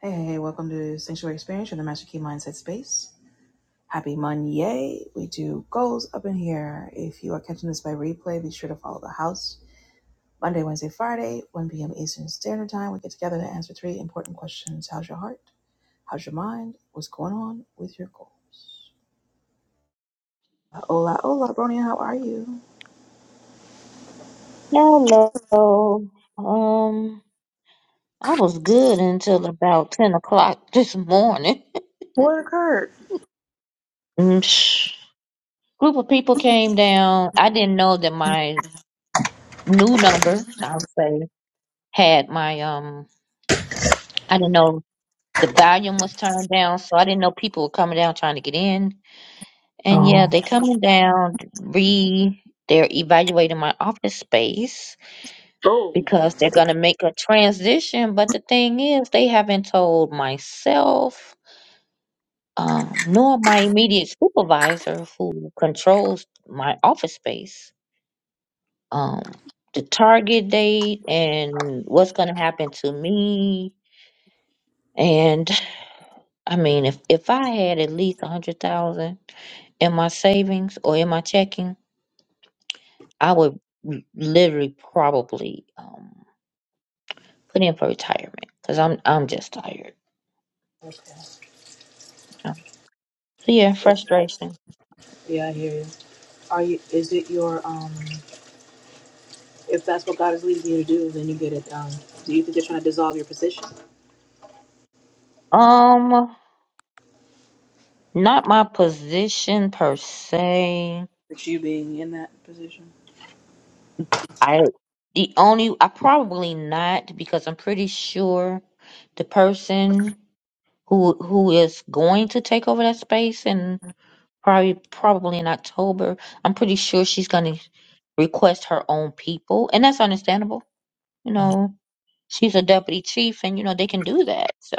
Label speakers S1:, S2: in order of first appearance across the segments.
S1: Hey, hey, hey, welcome to Sanctuary Experience, you the Master Key Mindset Space. Happy Monday. We do goals up in here. If you are catching this by replay, be sure to follow the house. Monday, Wednesday, Friday, 1 p.m. Eastern Standard Time, we get together to answer three important questions. How's your heart? How's your mind? What's going on with your goals? Uh, Hola, hola, Bronia, how are you?
S2: Hello. Um, I was good until about ten o'clock this morning.
S1: What occurred?
S2: Mm, sh- Group of people came down. I didn't know that my new number, I'll say, had my um. I didn't know the volume was turned down, so I didn't know people were coming down trying to get in. And yeah,
S1: Oh,
S2: they coming down. Re, they're evaluating my office space
S1: Oh,
S2: because they're gonna make a transition. But the thing is, they haven't told myself um, nor my immediate supervisor who controls my office space. Um, the target date and what's going to happen to me. And I mean, if, if I had at least a hundred thousand in my savings or in my checking, I would l- literally probably um, put in for retirement because I'm I'm just tired.
S1: okay.
S2: Um, So yeah,
S1: Is that,
S2: frustration.
S1: yeah, I hear you. Are you, is it your, um, If that's what God is leading you to do, then you get it done. Do you think they're trying to dissolve your position?
S2: Um, not my position per se.
S1: It's you being in that position?
S2: I the only I probably not because I'm pretty sure the person who who is going to take over that space and probably probably in October, I'm pretty sure she's gonna request her own people, and that's understandable. You know, she's a deputy chief, and you know they can do that. So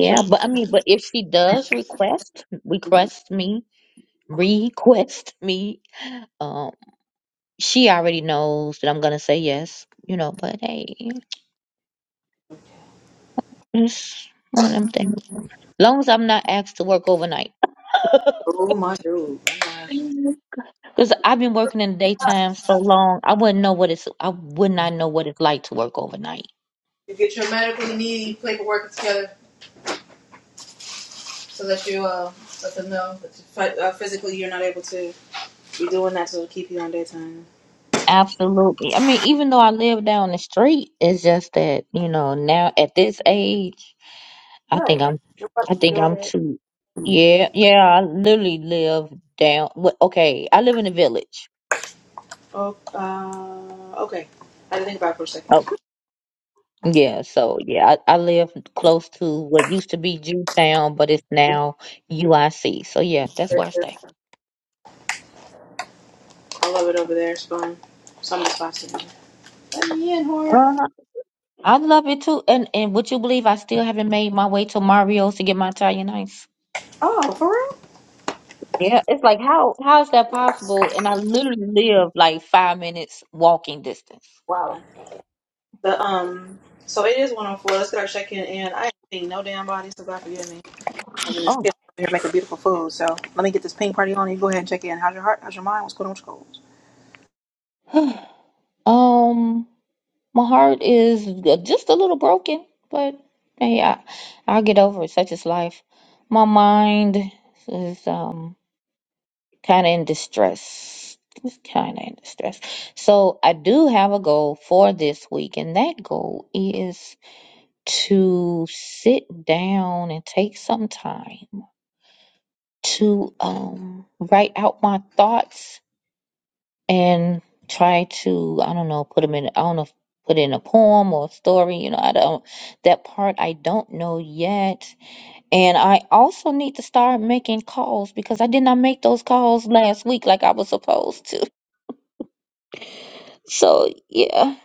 S1: So,
S2: but I mean, but if she does request request me request me, um, she already knows that I'm gonna say yes. You know, but hey. That's what I'm thinking. Long as I'm not asked to work overnight.
S1: oh my dude, my gosh.
S2: Because I've been working in the daytime so long, I wouldn't know what it's, I would not know what it's like to work overnight.
S1: You get your medical need paperwork together so that you uh, let them know that you But uh, physically, you're not able to. You're doing that to keep you on daytime.
S2: Absolutely. I mean, even though I live down the street, it's just that, you know, now at this age, I
S1: Right.
S2: think I'm,
S1: Your wife
S2: I think
S1: your
S2: I'm
S1: daughter.
S2: too, yeah, yeah, I literally live down, wh- okay, I live in a village.
S1: Oh, uh, okay. I had to think about it for a
S2: Oh,
S1: second.
S2: Yeah, so yeah, I, I live close to what used to be Jewtown, but it's now UIC. So yeah, that's where I
S1: Sure.
S2: stay.
S1: I love it over there. It's fun. Some of the spots in there. Let me in, whore.
S2: Uh, I love it too. And and would you believe I still haven't made my way to Mario's to get my Italian ice?
S1: Oh, for real?
S2: Yeah, it's like how how is that possible? And I literally live like five minutes walking distance.
S1: Wow. The um, so it is one on four. Let's get our check in, and I ain't seen no damn body, so God forgive me. I'm just here
S2: Oh.
S1: making beautiful food. So let me get this ping party on. You go ahead and check in. How's your heart? How's your mind? What's going on with your goals?
S2: Um, my heart is just a little broken, but hey, I, I'll get over it. Such is life. My mind is um. kind of in distress. Just kind of in distress. So I do have a goal for this week, and that goal is to sit down and take some time to um write out my thoughts and try to I don't know put them in I don't know put in a poem or a story. You know I don't that part I don't know yet, and I also need to start making calls because I did not make those calls last week like I was supposed to So yeah.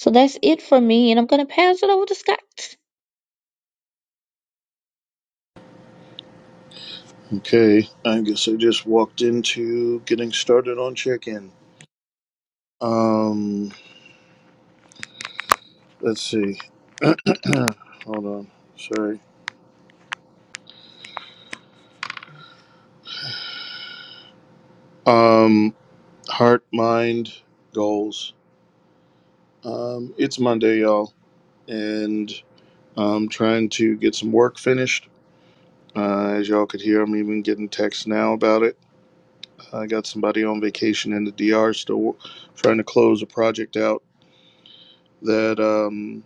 S2: So that's it for me, and I'm gonna pass it over to Scott.
S3: Okay, I guess I just walked into getting started on check-in. Um, let's see. Hold on. Sorry. Um, heart, mind, goals. Um, it's Monday, y'all, and I'm trying to get some work finished. Uh, as y'all could hear, I'm even getting texts now about it. I got somebody on vacation in the D.R. still trying to close a project out that um,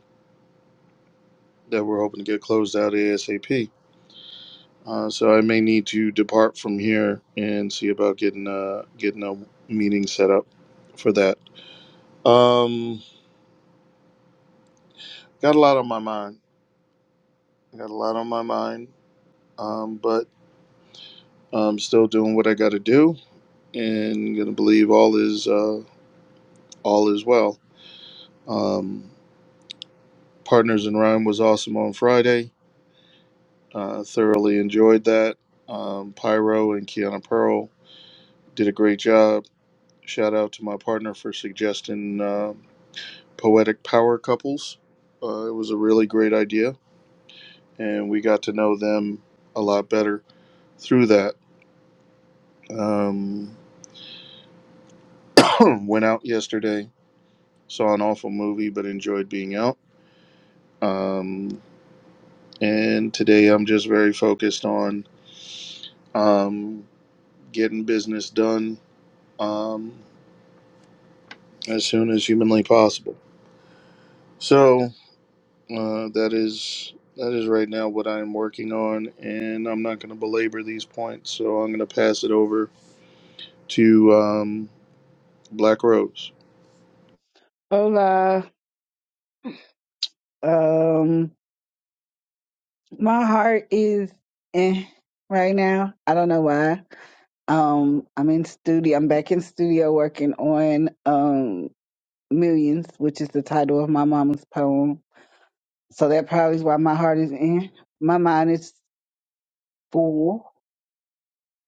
S3: that we're hoping to get closed out asap. Uh, so I may need to depart from here and see about getting a getting a meeting set up for that. Um, got a lot on my mind. Got a lot on my mind. Um, but I'm still doing what I got to do, and gonna believe all is uh, all is well. Um, Partners in Rhyme was awesome on Friday. Uh, thoroughly enjoyed that. Um, Pyro and Kiana Pearl did a great job. Shout out to my partner for suggesting. uh, poetic power couples. Uh, it was a really great idea, and we got to know them a lot better through that. Um, went out yesterday, saw an awful movie, but enjoyed being out. Um, and today I'm just very focused on um, getting business done um, as soon as humanly possible. So uh, that is that is right now what I am working on, and I'm not going to belabor these points. So I'm going to pass it over to um, Black Rose.
S4: Hola. Um, my heart is eh right now. I don't know why. Um, I'm in studio. I'm back in studio working on um Millions, which is the title of my mama's poem. So that probably is why my heart is in. My mind is full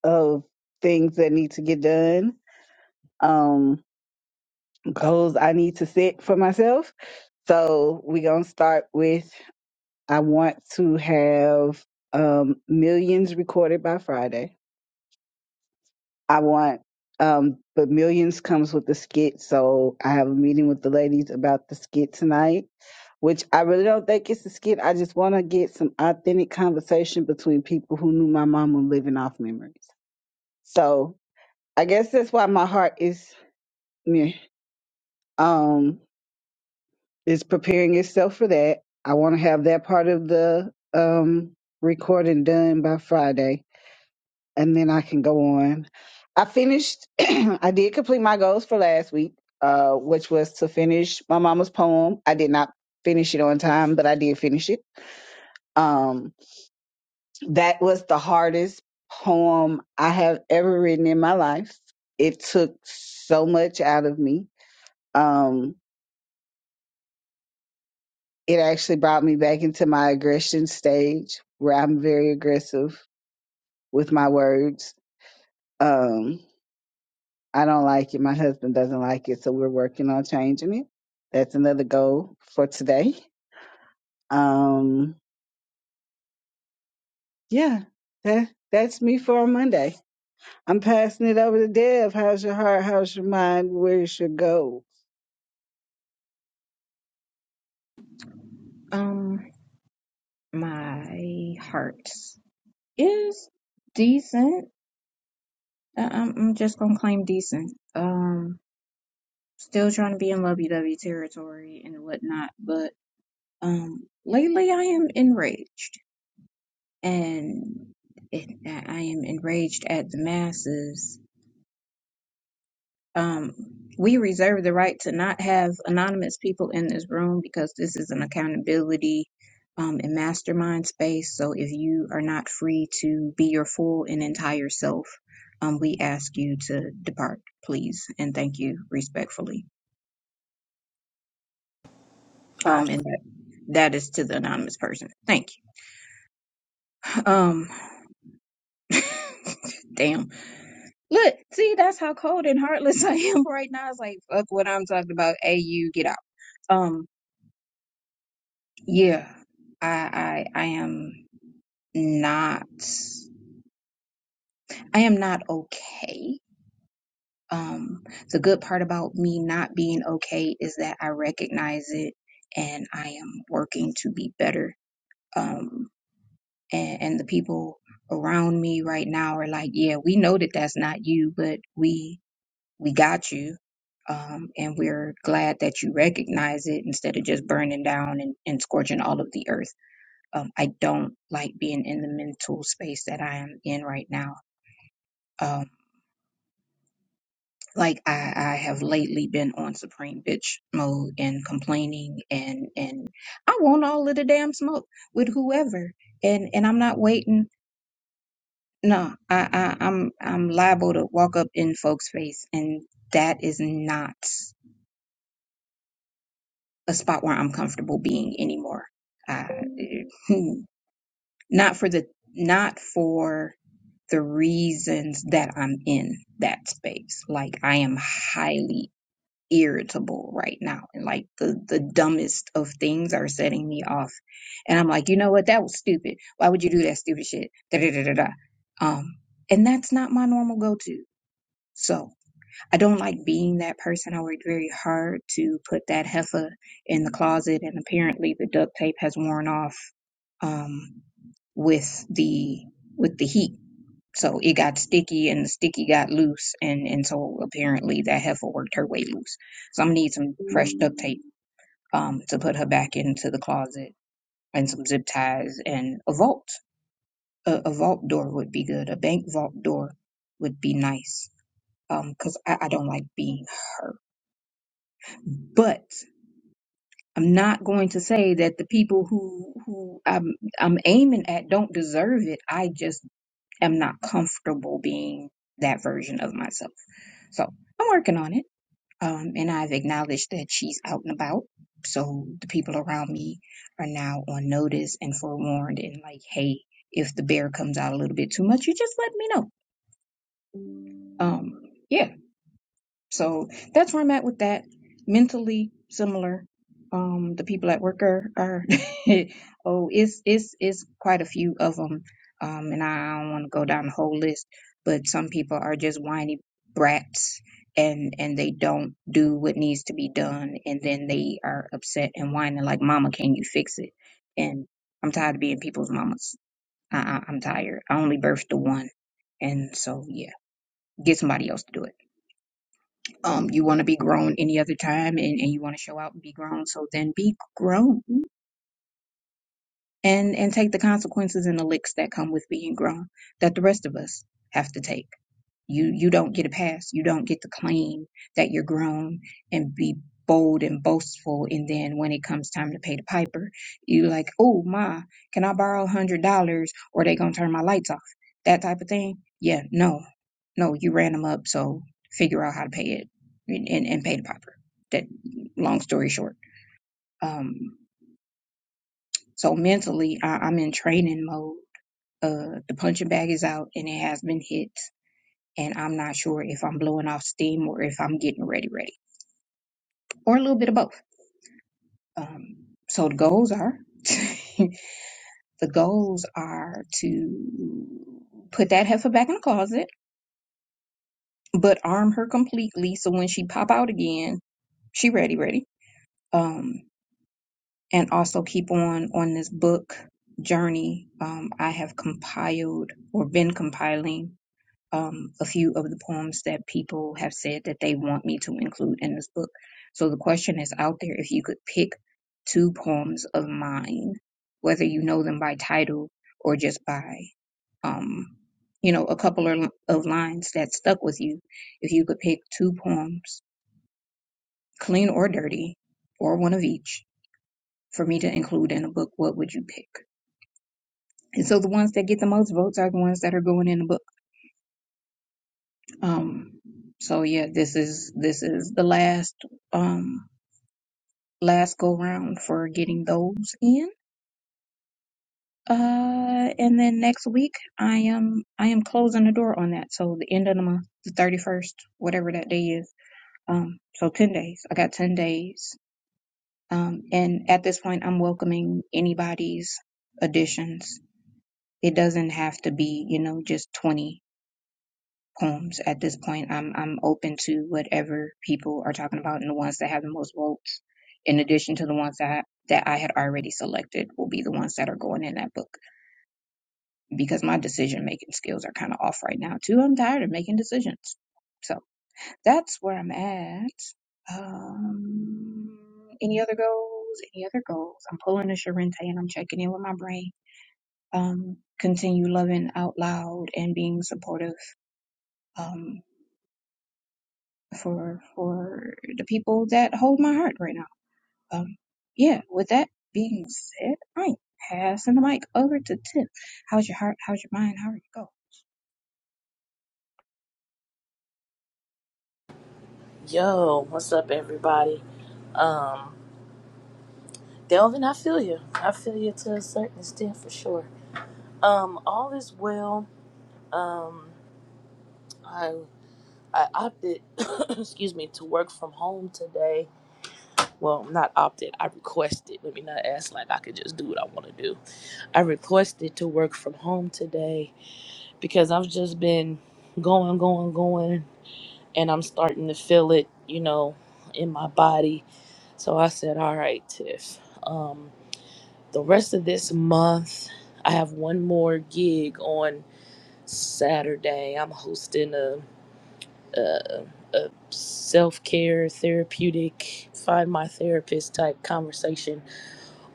S4: of things that need to get done. Um, goals I need to set for myself. So we gonna start with I want to have um, millions recorded by Friday. I want, um, but millions comes with the skit. So I have a meeting with the ladies about the skit tonight, which I really don't think it's a skit. I just want to get some authentic conversation between people who knew my mama living off memories. So I guess that's why my heart is meh, um is preparing itself for that. I want to have that part of the um recording done by Friday and then I can go on. I finished, I did complete my goals for last week, uh, which was to finish my mama's poem. I did not finish it on time, but I did finish it. Um, that was the hardest poem I have ever written in my life. It took so much out of me. Um, it actually brought me back into my aggression stage where I'm very aggressive with my words. Um, I don't like it. My husband doesn't like it. So we're working on changing it. That's another goal for today. Um, yeah, that, that's me for Monday. I'm passing it over to Dev. How's your heart? How's your mind? Where's your goal?
S5: Um, my heart is decent. I- am I'm just gonna claim decent. Um, still trying to be in lovey-dovey territory and whatnot, but um, lately I am enraged, and it, I am enraged at the masses um, we reserve the right to not have anonymous people in this room because this is an accountability um, and mastermind space. So if you are not free to be your full and entire self, um, we ask you to depart, please, and thank you respectfully.
S1: Flash.
S5: Um, and that, that is to the anonymous person. Thank you. Um, damn. Look, see, that's how cold and heartless I am right now. It's like, fuck what I'm talking about. Hey, you get out. Um, Yeah, I I I am not I am not okay. Um, the good part about me not being okay is that I recognize it and I am working to be better. Um, and, and the people around me right now are like, yeah, we know that that's not you, but we we got you. Um, and we're glad that you recognize it instead of just burning down and, and scorching all of the earth. Um, I don't like being in the mental space that I am in right now. Um, like I, I have lately been on supreme bitch mode and complaining and and I want all of the damn smoke with whoever and and I'm not waiting. No, I, I I'm I'm liable to walk up in folks' face and that is not a spot where I'm comfortable being anymore. Uh, not for the not for the reasons that I'm in that space. Like I am highly irritable right now and like the the dumbest of things are setting me off. And I'm like, "You know what? That was stupid. Why would you do that stupid shit?" Da da da da. da. Um and that's not my normal go-to. So, I don't like being that person. I worked very hard to put that heifer in the closet and apparently the duct tape has worn off um with the with the heat so it got sticky and the sticky got loose and, and so apparently that heifer worked her way loose. So I'm gonna need some fresh duct tape um to put her back into the closet and some zip ties and a vault. A, a vault door would be good. A bank vault door would be nice. Um, because I, I don't like being hurt. But I'm not going to say that the people who who I'm I'm aiming at don't deserve it. I just am not comfortable being that version of myself. So I'm working on it. Um, and I've acknowledged that she's out and about. So the people around me are now on notice and forewarned and like, hey, if the bear comes out a little bit too much, you just let me know. Um, yeah. So that's where I'm at with that. Mentally similar. Um, the people at work are, are oh, it's it's it's quite a few of them. Um, and I don't want to go down the whole list, but some people are just whiny brats, and and they don't do what needs to be done, and then they are upset and whining like, "Mama, can you fix it?" And I'm tired of being people's mamas. I, I, I'm tired. I only birthed the one, and so yeah, get somebody else to do it um you want to be grown any other time and, and you want to show out and be grown so then be grown and and take the consequences and the licks that come with being grown that the rest of us have to take you you don't get a pass. You don't get to claim that you're grown and be bold and boastful. And then when it comes time to pay the piper, you like, oh ma, can I borrow a hundred dollars or they gonna turn my lights off? That type of thing. Yeah, no, no, you ran them up. So figure out how to pay it and and, and pay the piper. That long story short. Um, so mentally, I, I'm in training mode. Uh, the punching bag is out and it has been hit and I'm not sure if I'm blowing off steam or if I'm getting ready, ready, or a little bit of both. Um, so the goals are the goals are to put that heifer back in the closet, but arm her completely so when she pop out again, she ready, ready. Um, and also keep on on this book journey. Um, I have compiled or been compiling um, a few of the poems that people have said that they want me to include in this book. So the question is out there if you could pick two poems of mine, whether you know them by title or just by, um, you know, a couple of, of lines that stuck with you. If you could pick two poems, clean or dirty, or one of each, for me to include in a book, what would you pick? And so the ones that get the most votes are the ones that are going in the book. Um, so yeah, this is this is the last um last go round for getting those in. Uh, and then next week I am I am closing the door on that. So the end of the month, the thirty first, whatever that day is. Um, so ten days. I got ten days. Um, and at this point, I'm welcoming anybody's additions. It doesn't have to be, you know, just 20 poems at this point. I'm I'm open to whatever people are talking about, and the ones that have the most votes, in addition to the ones that that I had already selected, will be the ones that are going in that book because my decision making skills are kind of off right now too. I'm tired of making decisions, so that's where I'm at. Um, any other goals? Any other goals? I'm pulling a Sharente and I'm checking in with my brain. Um, continue loving out loud and being supportive. Um, for for the people that hold my heart right now. Um, yeah. With that being said, I'm passing the mic over to Tiff. How's your heart? How's your mind? How are you go?
S6: Yo, what's up, everybody? Um, Delvin, I feel you. I feel you to a certain extent for sure. Um, all is well. I I opted, excuse me, to work from home today. Well, not opted. I requested. Let me not ask like I could just do what I want to do. I requested to work from home today because I've just been going, going, going, and I'm starting to feel it, you know, in my body. So I said, all right, Tiff. Um, the rest of this month i have one more gig on saturday i'm hosting a, a, a self-care therapeutic find my therapist type conversation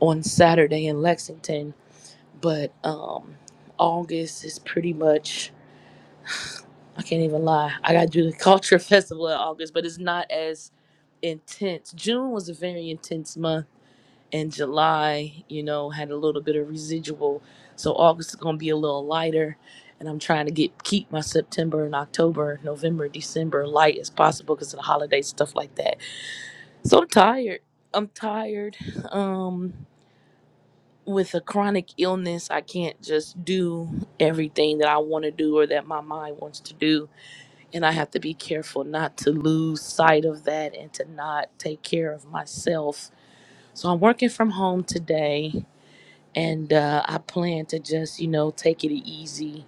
S6: on saturday in lexington but um august is pretty much i can't even lie i gotta do the culture festival in august but it's not as intense june was a very intense month and July, you know, had a little bit of residual. So August is going to be a little lighter. And I'm trying to get keep my September and October, November, December light as possible because of the holidays, stuff like that. So I'm tired. I'm tired. Um, with a chronic illness, I can't just do everything that I want to do or that my mind wants to do. And I have to be careful not to lose sight of that and to not take care of myself. So I'm working from home today and uh, I plan to just you know take it easy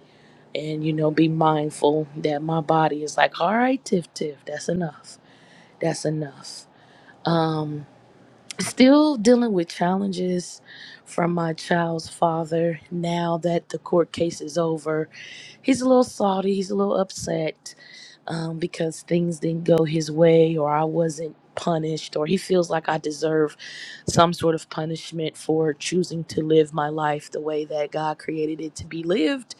S6: and you know be mindful that my body is like, all right, Tiff Tiff, that's enough, that's enough. Um, Still dealing with challenges from my child's father now that the court case is over. He's a little salty, he's a little upset um, because things didn't go his way or I wasn't punished or he feels like I deserve some sort of punishment for choosing to live my life the way that God created it to be lived.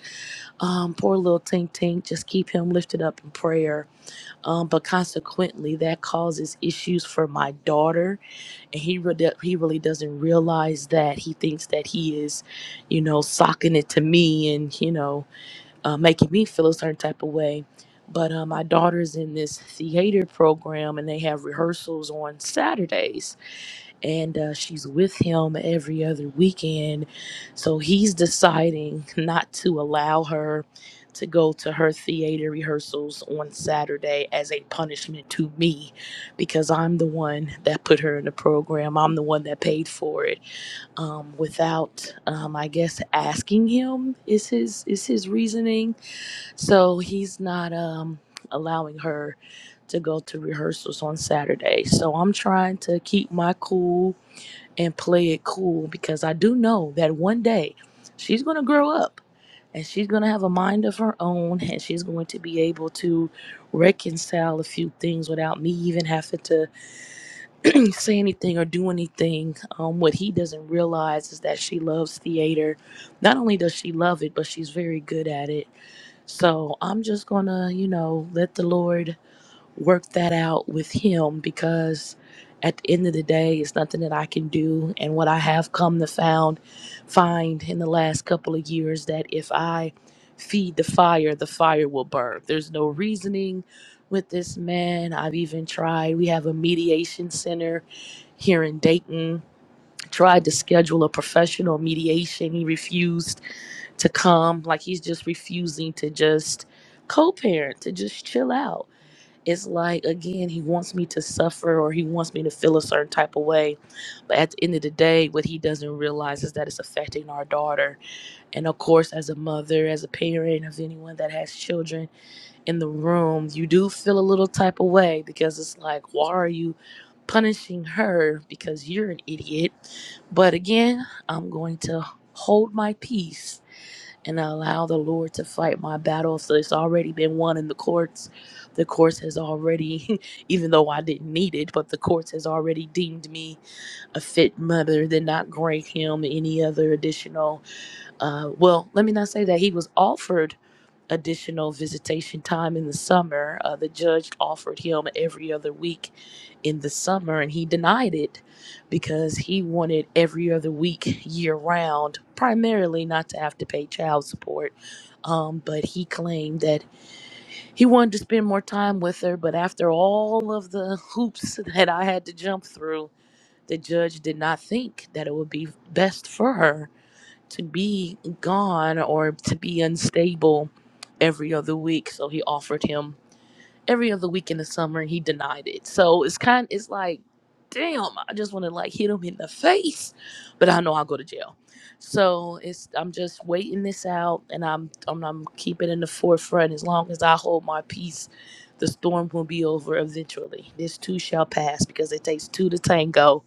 S6: Um, poor little Tink Tink, just keep him lifted up in prayer. Um, but consequently, that causes issues for my daughter and he really, he really doesn't realize that he thinks that he is, you know, socking it to me and you know, uh, making me feel a certain type of way. But uh, my daughter's in this theater program, and they have rehearsals on Saturdays and uh, she's with him every other weekend. So he's deciding not to allow her to go to her theater rehearsals on Saturday as a punishment to me because I'm the one that put her in the program. I'm the one that paid for it. Um, without, um, I guess, asking him is his is his reasoning. So he's not um, allowing her to go to rehearsals on Saturday. So I'm trying to keep my cool and play it cool because I do know that one day she's going to grow up and she's going to have a mind of her own and she's going to be able to reconcile a few things without me even having to say anything or do anything. Um, what he doesn't realize is that she loves theater. Not only does she love it, but she's very good at it. So I'm just going to, you know, let the Lord work that out with him because at the end of the day it's nothing that I can do and what I have come to found find in the last couple of years that if I feed the fire the fire will burn there's no reasoning with this man I've even tried we have a mediation center here in Dayton tried to schedule a professional mediation he refused to come like he's just refusing to just co-parent to just chill out it's like again he wants me to suffer or he wants me to feel a certain type of way but at the end of the day what he doesn't realize is that it's affecting our daughter and of course as a mother as a parent of anyone that has children in the room you do feel a little type of way because it's like why are you punishing her because you're an idiot but again i'm going to hold my peace and allow the Lord to fight my battle. So it's already been won in the courts. The courts has already, even though I didn't need it, but the courts has already deemed me a fit mother than not grant him any other additional uh, well, let me not say that he was offered additional visitation time in the summer. Uh, the judge offered him every other week in the summer, and he denied it because he wanted every other week year round, primarily not to have to pay child support. Um, but he claimed that he wanted to spend more time with her, but after all of the hoops that I had to jump through, the judge did not think that it would be best for her to be gone or to be unstable every other week. So he offered him every other week in the summer, and he denied it. So it's kind, it's like, damn, I just want to like hit him in the face, but I know I'll go to jail. So it's I'm just waiting this out, and I'm I'm, I'm keeping in the forefront. As long as I hold my peace, the storm will be over eventually. This too shall pass because it takes two to tango,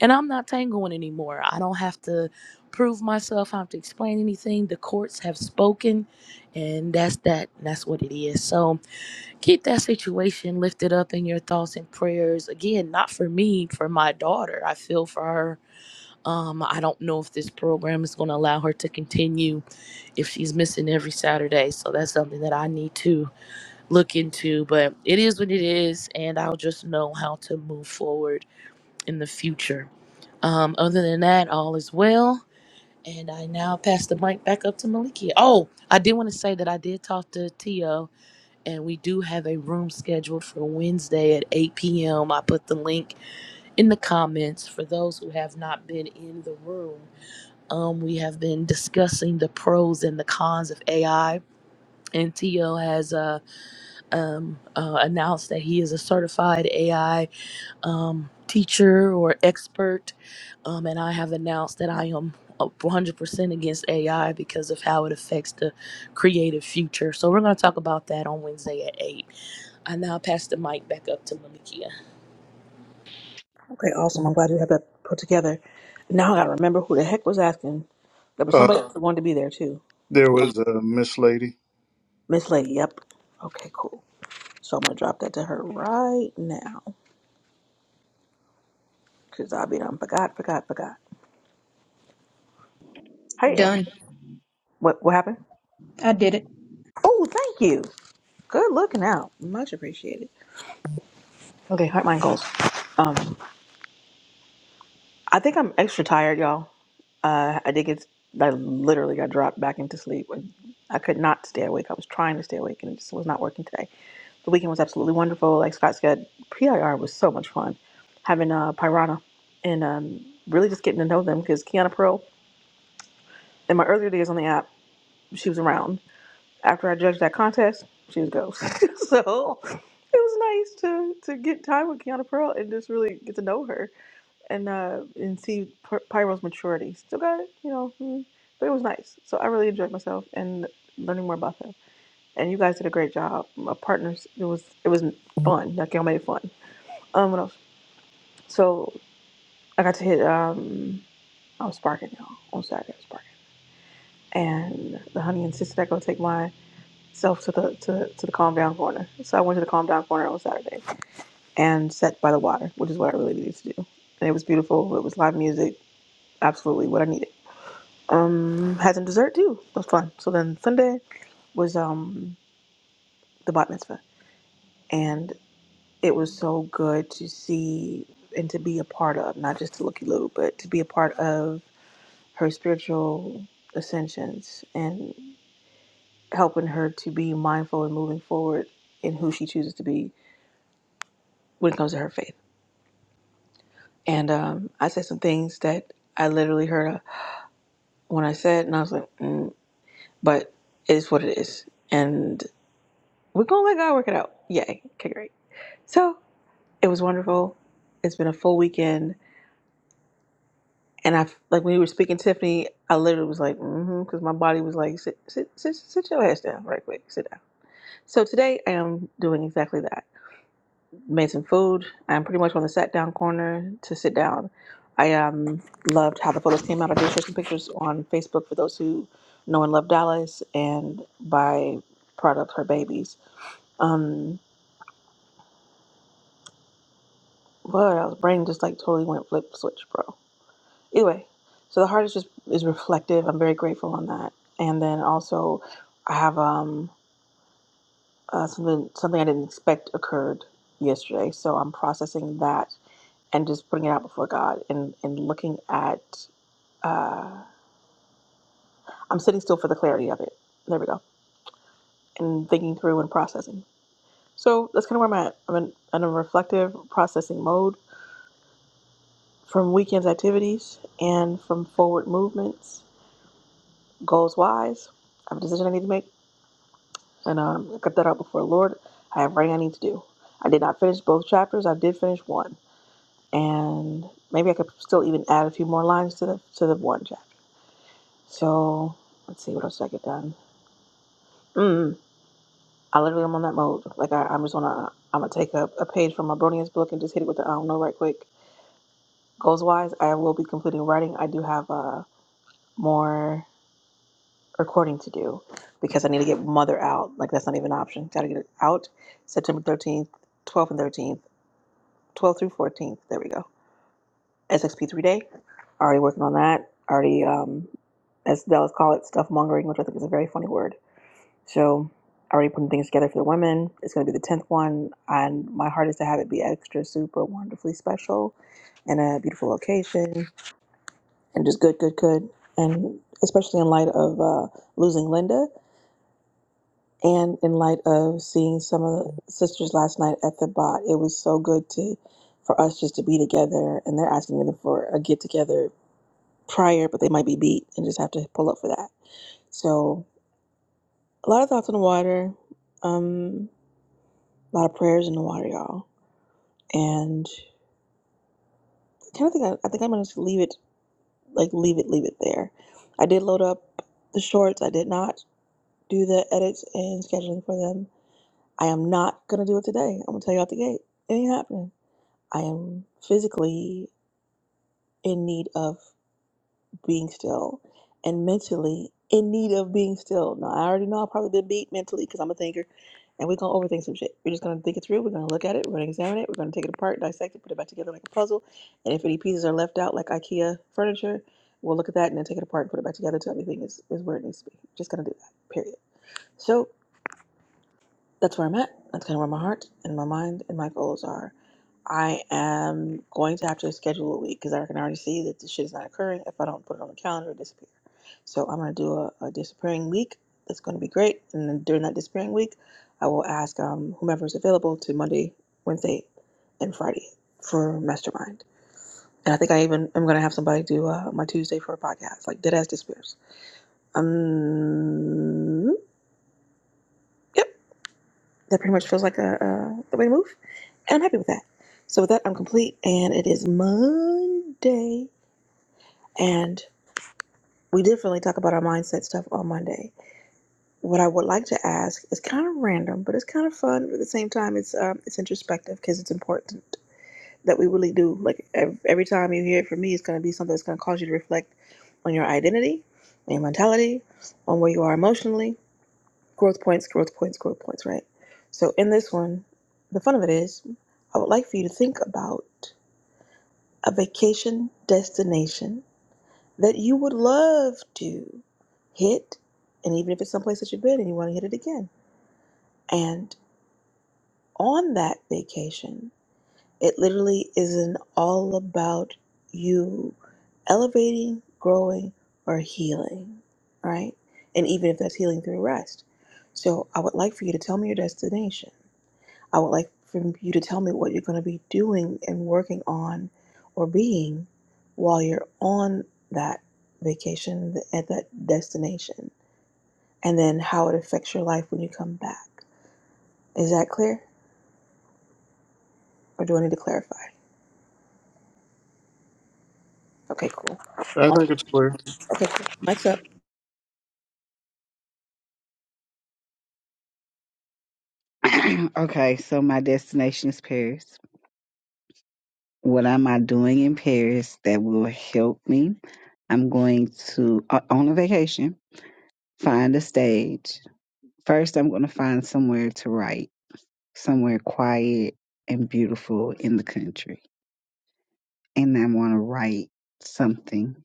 S6: and I'm not tangoing anymore. I don't have to prove myself. I don't have to explain anything. The courts have spoken, and that's that. that's what it is. So Keep that situation lifted up in your thoughts and prayers. Again, not for me, for my daughter. I feel for her. Um, I don't know if this program is going to allow her to continue if she's missing every Saturday. So that's something that I need to look into. But it is what it is, and I'll just know how to move forward in the future. Um, other than that, all is well. And I now pass the mic back up to Malikia. Oh, I did want to say that I did talk to Tio and we do have a room scheduled for Wednesday at 8 p.m. I put the link in the comments for those who have not been in the room. Um, we have been discussing the pros and the cons of AI, and Tio has uh, um, uh, announced that he is a certified AI um, teacher or expert, um, and I have announced that I am uh, 100% against AI because of how it affects the creative future. So we're going to talk about that on Wednesday at 8. I now pass the mic back up to Malikia.
S1: Okay, awesome. I'm glad you have that put together. Now I gotta remember who the heck was asking. There was
S3: Uh,
S1: somebody else that wanted to be there too.
S3: there was a Miss Lady.
S1: Miss Lady, yep. Okay, cool. So I'm gonna drop that to her right now. Cause I'll be done. Forgot, forgot, forgot. Hey, Ever-
S5: Done.
S1: what what happened?
S5: I did it.
S1: Oh, thank you. Good looking out. Much appreciated. Okay, heart, mind, goals. Um, I think I'm extra tired, y'all. Uh, I did get, I literally got dropped back into sleep. I could not stay awake. I was trying to stay awake, and it just was not working today. The weekend was absolutely wonderful. Like Scott said, PIR was so much fun. Having uh, Pirana and um, really just getting to know them because Kiana Pearl, in my earlier days on the app, she was around. After I judged that contest, she was ghost. so it was nice to to get time with Kiana Pearl and just really get to know her and uh and see Py- Pyro's maturity. Still got it, you know, mm, but it was nice. So I really enjoyed myself and learning more about them. And you guys did a great job. My partners, it was it was fun. Like y'all made it fun. Um, what else? So I got to hit um i was sparking y'all on Saturday. I'm sparking, and the honey insisted I go take myself to the to, to the calm down corner. So I went to the calm down corner on Saturday and sat by the water, which is what I really needed to do. And it was beautiful. It was live music, absolutely what I needed. um had some dessert too. It was fun. So then Sunday was um the bat mitzvah, and it was so good to see and to be a part of, not just to looky loo, but to be a part of her spiritual ascensions and helping her to be mindful and moving forward in who she chooses to be when it comes to her faith. And um, I said some things that I literally heard uh, when I said, and I was like, mm, but it is what it is. And We're gonna let God work it out. Yay. Okay, great. So it was wonderful. It's been a full weekend. And I, like when we were speaking, to Tiffany, I literally was like, mm-hmm, because my body was like, sit, sit, sit, sit your ass down right quick, sit down. So today I am doing exactly that. Made some food. I'm pretty much on the sat down corner to sit down. I um, loved how the photos came out. I did share some pictures on Facebook for those who know and love Dallas and by product her babies. Um, But I was brain just like totally went flip switch, bro. Anyway, so the heart is just is reflective. I'm very grateful on that. And then also, I have um uh, something something I didn't expect occurred yesterday, so I'm processing that and just putting it out before God and and looking at. Uh, I'm sitting still for the clarity of it. There we go. And thinking through and processing. So that's kind of where I'm at. I'm in, in a reflective processing mode from weekend's activities and from forward movements goals wise. I have a decision I need to make, and um, I cut that out before the Lord. I have writing I need to do. I did not finish both chapters. I did finish one, and maybe I could still even add a few more lines to the to the one chapter. So let's see what else did I get done. Mm, I literally am on that mode. Like I, I'm just gonna I'm gonna take a, a page from my Bronian's book and just hit it with the I don't know right quick. Goals wise, I will be completing writing. I do have a uh, more. recording to do because I need to get mother out. Like that's not even an option. Got to get it out September 13th, 12th and 13th, 12th through 14th. There we go. SXP3 day. Already working on that. Already, um, as Dallas call it, stuff mongering, which I think is a very funny word. So already putting things together for the women. It's going to be the 10th one. And my heart is to have it be extra, super wonderfully special in a beautiful location and just good, good, good. And especially in light of uh, losing Linda And in light of seeing some of the sisters last night at the bot, it was so good to for us just to be together. And they're asking me for a get together prior, but they might be beat and just have to pull up for that. So a lot of thoughts on the water, um, a lot of prayers in the water, y'all. And I kind of think I, I think I'm gonna just leave it like leave it leave it there. I did load up the shorts. I did not do the edits and scheduling for them. I am not gonna do it today. I'm gonna tell you out the gate. It ain't happening. I am physically in need of being still and mentally in need of being still. Now, I already know I've probably been beat mentally because I'm a thinker and we're going to overthink some shit. We're just going to think it through. We're going to look at it. We're going to examine it. We're going to take it apart, dissect it, put it back together like a puzzle. And if any pieces are left out, like IKEA furniture, we'll look at that and then take it apart and put it back together till everything is, is where it needs to be. Just going to do that, period. So that's where I'm at. That's kind of where my heart and my mind and my goals are. I am going to have to schedule a week because I can already see that this shit is not occurring. If I don't put it on the calendar, it disappears. So I'm going to do a, a disappearing week. That's going to be great. And then during that disappearing week, I will ask um, whomever is available to Monday, Wednesday, and Friday for mastermind. And I think I even am going to have somebody do uh, my Tuesday for a podcast, like Deadass Disappears. Um, yep, that pretty much feels like a, uh, the way to move. And I'm happy with that. So with that, I'm complete, and it is Monday. And we definitely talk about our mindset stuff on Monday. What I would like to ask is kind of random, but it's kind of fun. But at the same time, it's um, it's introspective because it's important that we really do. Like ev- every time you hear it from me, it's going to be something that's going to cause you to reflect on your identity, on your mentality, on where you are emotionally. Growth points, growth points, growth points. Right. So in this one, the fun of it is, I would like for you to think about a vacation destination that you would love to hit, and even if it's someplace that you've been and you want to hit it again. And on that vacation, it literally is an all about you elevating, growing, or healing, right? And even if that's healing through rest. So I would like for you to tell me your destination I would like for you to tell me what you're going to be doing and working on or being while you're on that vacation at that destination, and then how it affects your life when you come back. Is that clear, or do I need to clarify? Okay, cool.
S3: I
S1: Um,
S3: think it's clear.
S1: Okay, cool. Mike's up.
S4: okay, so my destination is Paris. What am I doing in Paris that will help me? I'm going to, o- on a vacation, find a stage. First, I'm going to find somewhere to write. somewhere quiet and beautiful in the country. And I want to write something.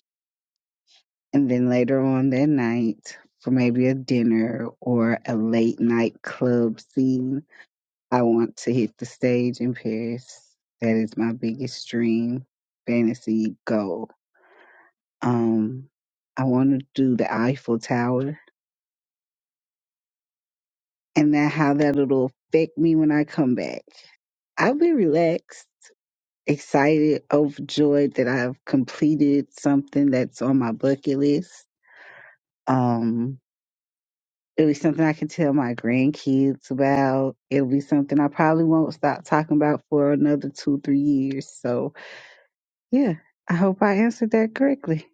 S4: And then later on that night, for maybe a dinner or a late night club scene, I want to hit the stage in Paris. That is my biggest dream, fantasy goal. Um, I want to do the Eiffel Tower and that how that'll affect me when I come back. I'll be relaxed excited, overjoyed that I've completed something that's on my bucket list. Um, it'll be something I can tell my grandkids about. It'll be something I probably won't stop talking about for another two, three years. So, yeah, I hope I answered that correctly.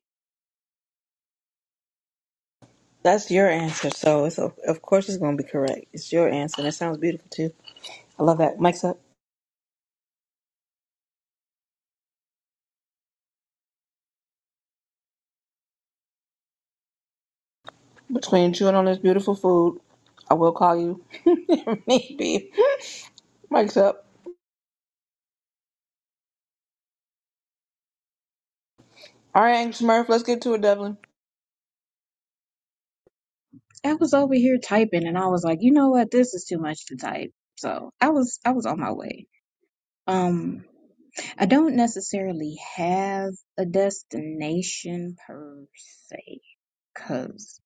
S1: That's your answer, so it's of course it's going to be correct. It's your answer, and it sounds beautiful too. I love that. Mike's up. Between chewing on this beautiful food, I will call you if need be. Mike's up. All right, Angus Murph, let's get to it, Devlin.
S5: I was over here typing, and I was like, you know what? This is too much to type. So I was I was on my way. Um, I don't necessarily have a destination per se, cause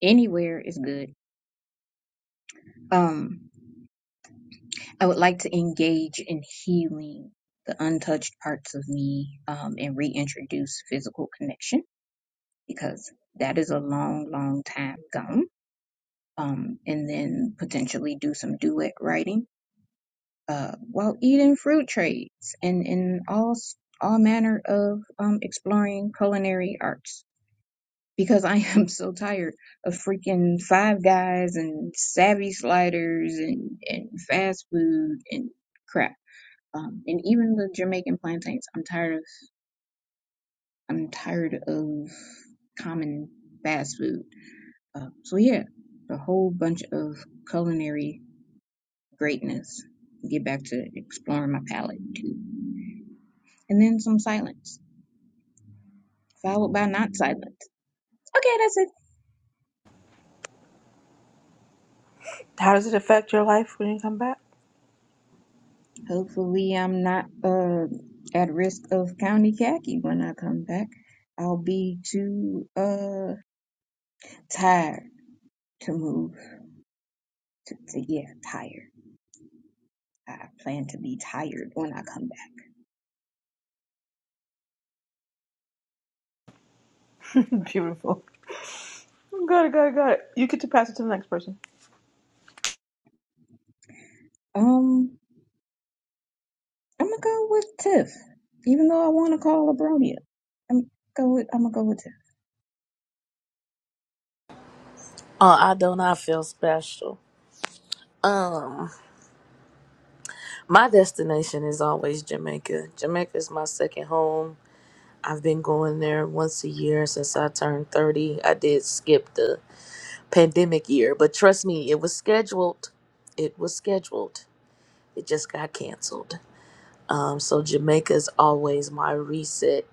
S5: anywhere is good. Um, I would like to engage in healing the untouched parts of me um, and reintroduce physical connection because that is a long, long time gone. Um, and then potentially do some duet writing uh, while eating fruit trades and in all all manner of um, exploring culinary arts because I am so tired of freaking Five Guys and Savvy Sliders and, and fast food and crap Um, and even the Jamaican plantains, I'm tired of. I'm tired of common fast food. Uh, so yeah, a whole bunch of culinary greatness. Get back to exploring my palate too, and then some silence, followed by not silence. Okay, that's it.
S1: How does it affect your life when you come back?
S5: Hopefully, I'm not uh at risk of county khaki when I come back. I'll be too uh tired to move. To, to yeah, tired. I plan to be tired when I come back.
S1: beautiful. Got it, got it, got it. You get to pass it to the next person.
S5: Um, I'm gonna go with Tiff, even though I want to call Abronia. I'm go with I'm gonna go with Tiff.
S6: Uh, I do not feel special. Um, my destination is always Jamaica. Jamaica is my second home. I've been going there once a year since I turned 30. I did skip the pandemic year. But trust me, it was scheduled. It was scheduled. It just got canceled. Um, so Jamaica is always my reset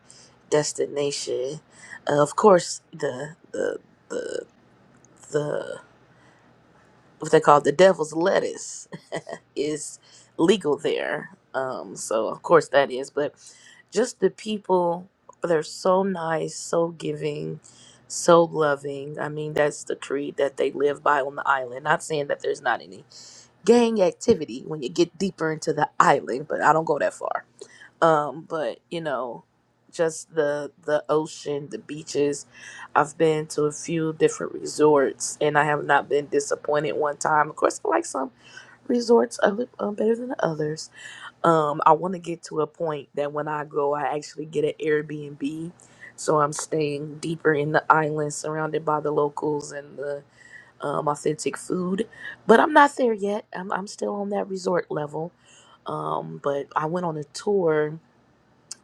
S6: destination. Uh, of course, the the the the what they call the devil's lettuce is legal there. Um, so of course that is, but just the people they're so nice, so giving, so loving. I mean, that's the creed that they live by on the island. Not saying that there's not any gang activity when you get deeper into the island, but I don't go that far um but you know just the the ocean the beaches i've been to a few different resorts and i have not been disappointed one time of course i like some resorts a little um, better than others um i want to get to a point that when i go i actually get an airbnb so i'm staying deeper in the island surrounded by the locals and the um, authentic food but i'm not there yet i'm, I'm still on that resort level um but i went on a tour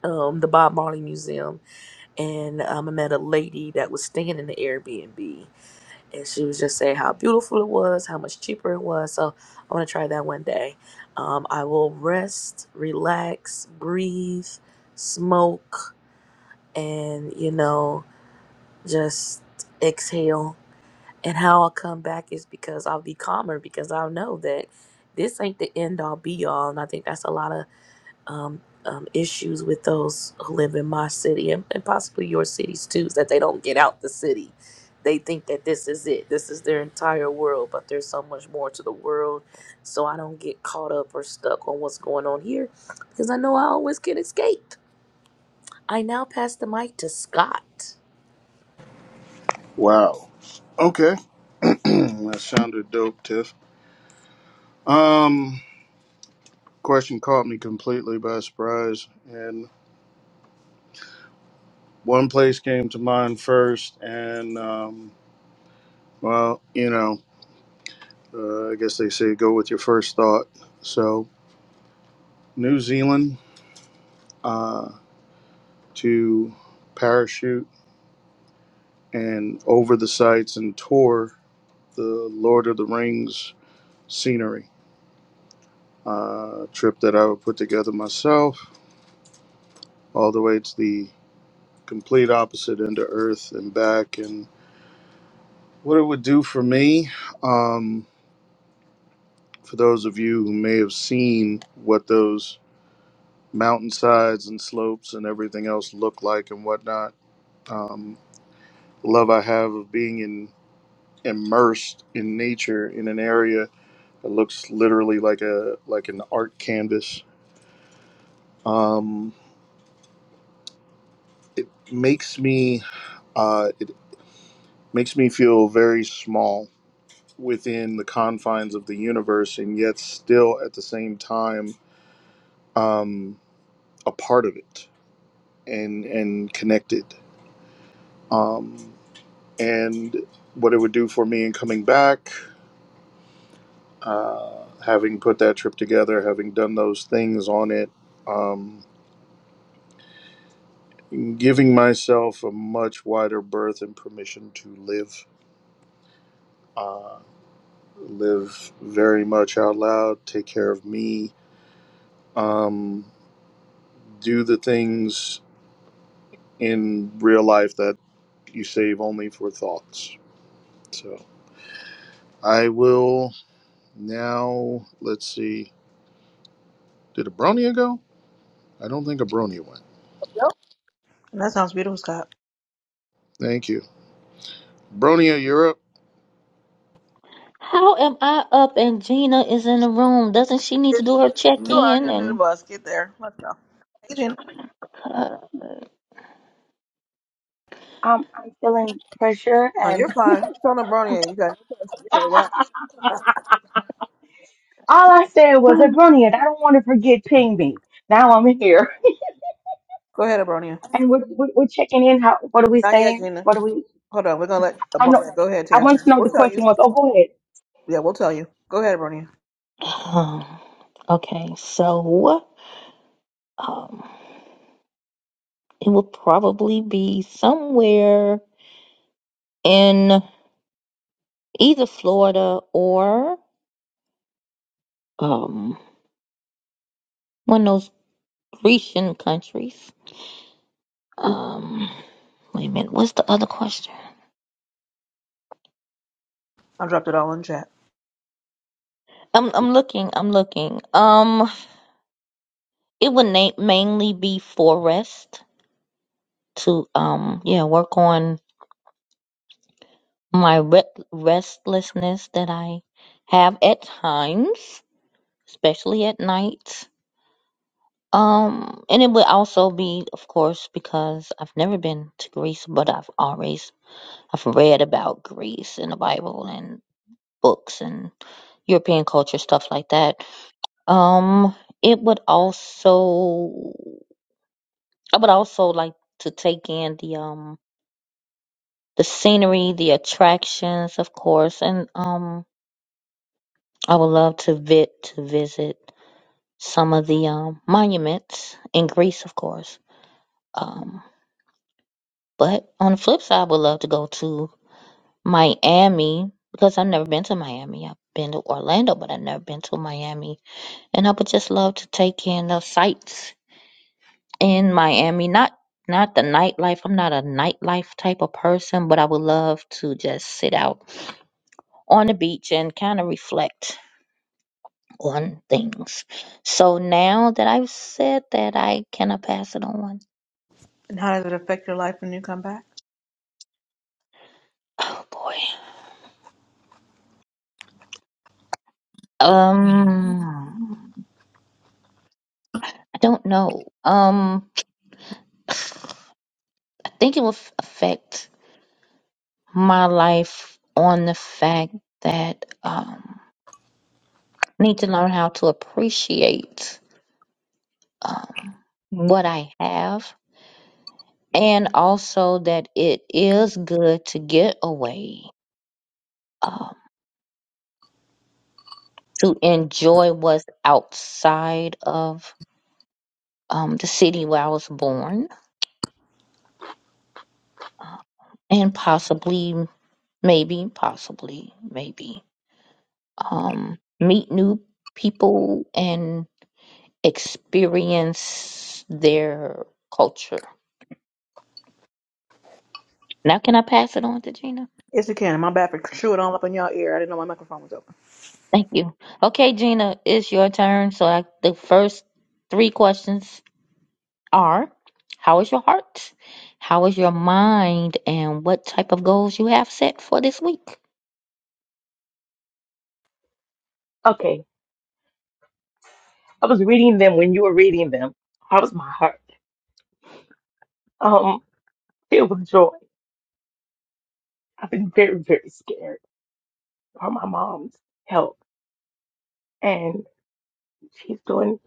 S6: um, the Bob Marley Museum, and um, I met a lady that was staying in the Airbnb, and she was just saying how beautiful it was, how much cheaper it was. So I want to try that one day. Um, I will rest, relax, breathe, smoke, and you know, just exhale. And how I'll come back is because I'll be calmer because I'll know that this ain't the end all be all. And I think that's a lot of um, um, issues with those who live in my city and, and possibly your cities too, is that they don't get out the city. They think that this is it, this is their entire world, but there's so much more to the world. So I don't get caught up or stuck on what's going on here because I know I always can escape. I now pass the mic to Scott.
S3: Wow. Okay. that sounded dope, Tiff. Um, question caught me completely by surprise, and one place came to mind first, and um, well, you know, uh, I guess they say go with your first thought. So New Zealand uh, to parachute and over the sights and tour the Lord of the Rings scenery. uh, trip that I would put together myself, all the way to the complete opposite end of Earth and back. And what it would do for me, um, for those of you who may have seen what those mountainsides and slopes and everything else look like and whatnot, um, the love I have of being in, immersed in nature in an area that looks literally like a like an art canvas um, makes me uh, it makes me feel very small within the confines of the universe and yet still at the same time um, a part of it and and connected um, and what it would do for me in coming back uh, having put that trip together having done those things on it um, giving myself a much wider berth and permission to live uh, live very much out loud take care of me um, do the things in real life that you save only for thoughts. So I will now. Let's see. Did Abronia go? I don't think Abronia went.
S1: Yep. That sounds beautiful, Scott.
S3: Thank you, Abronia. You're up.
S2: How am I up and Gina is in the room? Doesn't she need to do her check
S1: You already
S2: in
S1: under the
S2: and
S1: bus. Get there. Let's go. Hey, Gina.
S7: I'm I'm feeling pressure
S1: No,
S7: and
S1: you're fine. It's on Abronia. You got you can relax.
S7: all I said was Abronia, I don't want to forget ping me. Now I'm here.
S1: Go ahead, Abronia.
S7: And we're, we're, we're checking in. How what are we
S1: Not yet,
S7: saying?
S1: Gina.
S7: What are we
S1: Hold on. We're going to let
S7: I know
S1: Abronia go ahead take
S7: I
S1: her
S7: wanted to
S1: turn.
S7: know what the
S1: We'll tell you.
S7: question was. Oh go ahead.
S1: Yeah, we'll tell you. Go ahead, Abronia.
S2: uh, okay, so um it will probably be somewhere in either Florida or um one of those Grecian countries. Um wait a minute, what's the other question?
S1: I dropped it all in chat.
S2: I'm I'm looking, I'm looking. Um. It would na- mainly be for rest to um yeah work on my re- restlessness that I have at times, especially at night. Um, and it would also be, of course, because I've never been to Greece, but I've always I've read about Greece in the Bible and books and European culture stuff like that. Um, it would also I would also like to take in the um the scenery, the attractions, of course, and um, I would love to vit to visit some of the um monuments in Greece, of course. Um, but on the flip side, I would love to go to Miami because I've never been to Miami. I've been to Orlando, but I've never been to Miami, and I would just love to take in the sights in Miami. Not not the nightlife. I'm not a nightlife type of person, but I would love to just sit out on the beach and kind of reflect on things. So now that I've said that, I cannot pass it on.
S1: And how does it affect your life when you come back?
S2: Oh boy. Um, I don't know. Um, I think it will f- affect my life on the fact that um, I need to learn how to appreciate um, what I have, and also that it is good to get away, um, to enjoy what's outside of um, the city where I was born, and possibly, maybe, possibly, maybe, um, meet new people and experience their culture. Now, can I pass it on to Gina?
S1: Yes, it can. My bad for chewing all up in y'all ear. I didn't know my microphone was open.
S2: Thank you. Okay, Gina, it's your turn. So, I, the first three questions are How is your heart? How is your mind? And what type of goals you have set for this week?
S7: Okay. I was reading them when you were reading them. How was my heart? Um filled with joy. I've been very, very scared for my mom's health and she's doing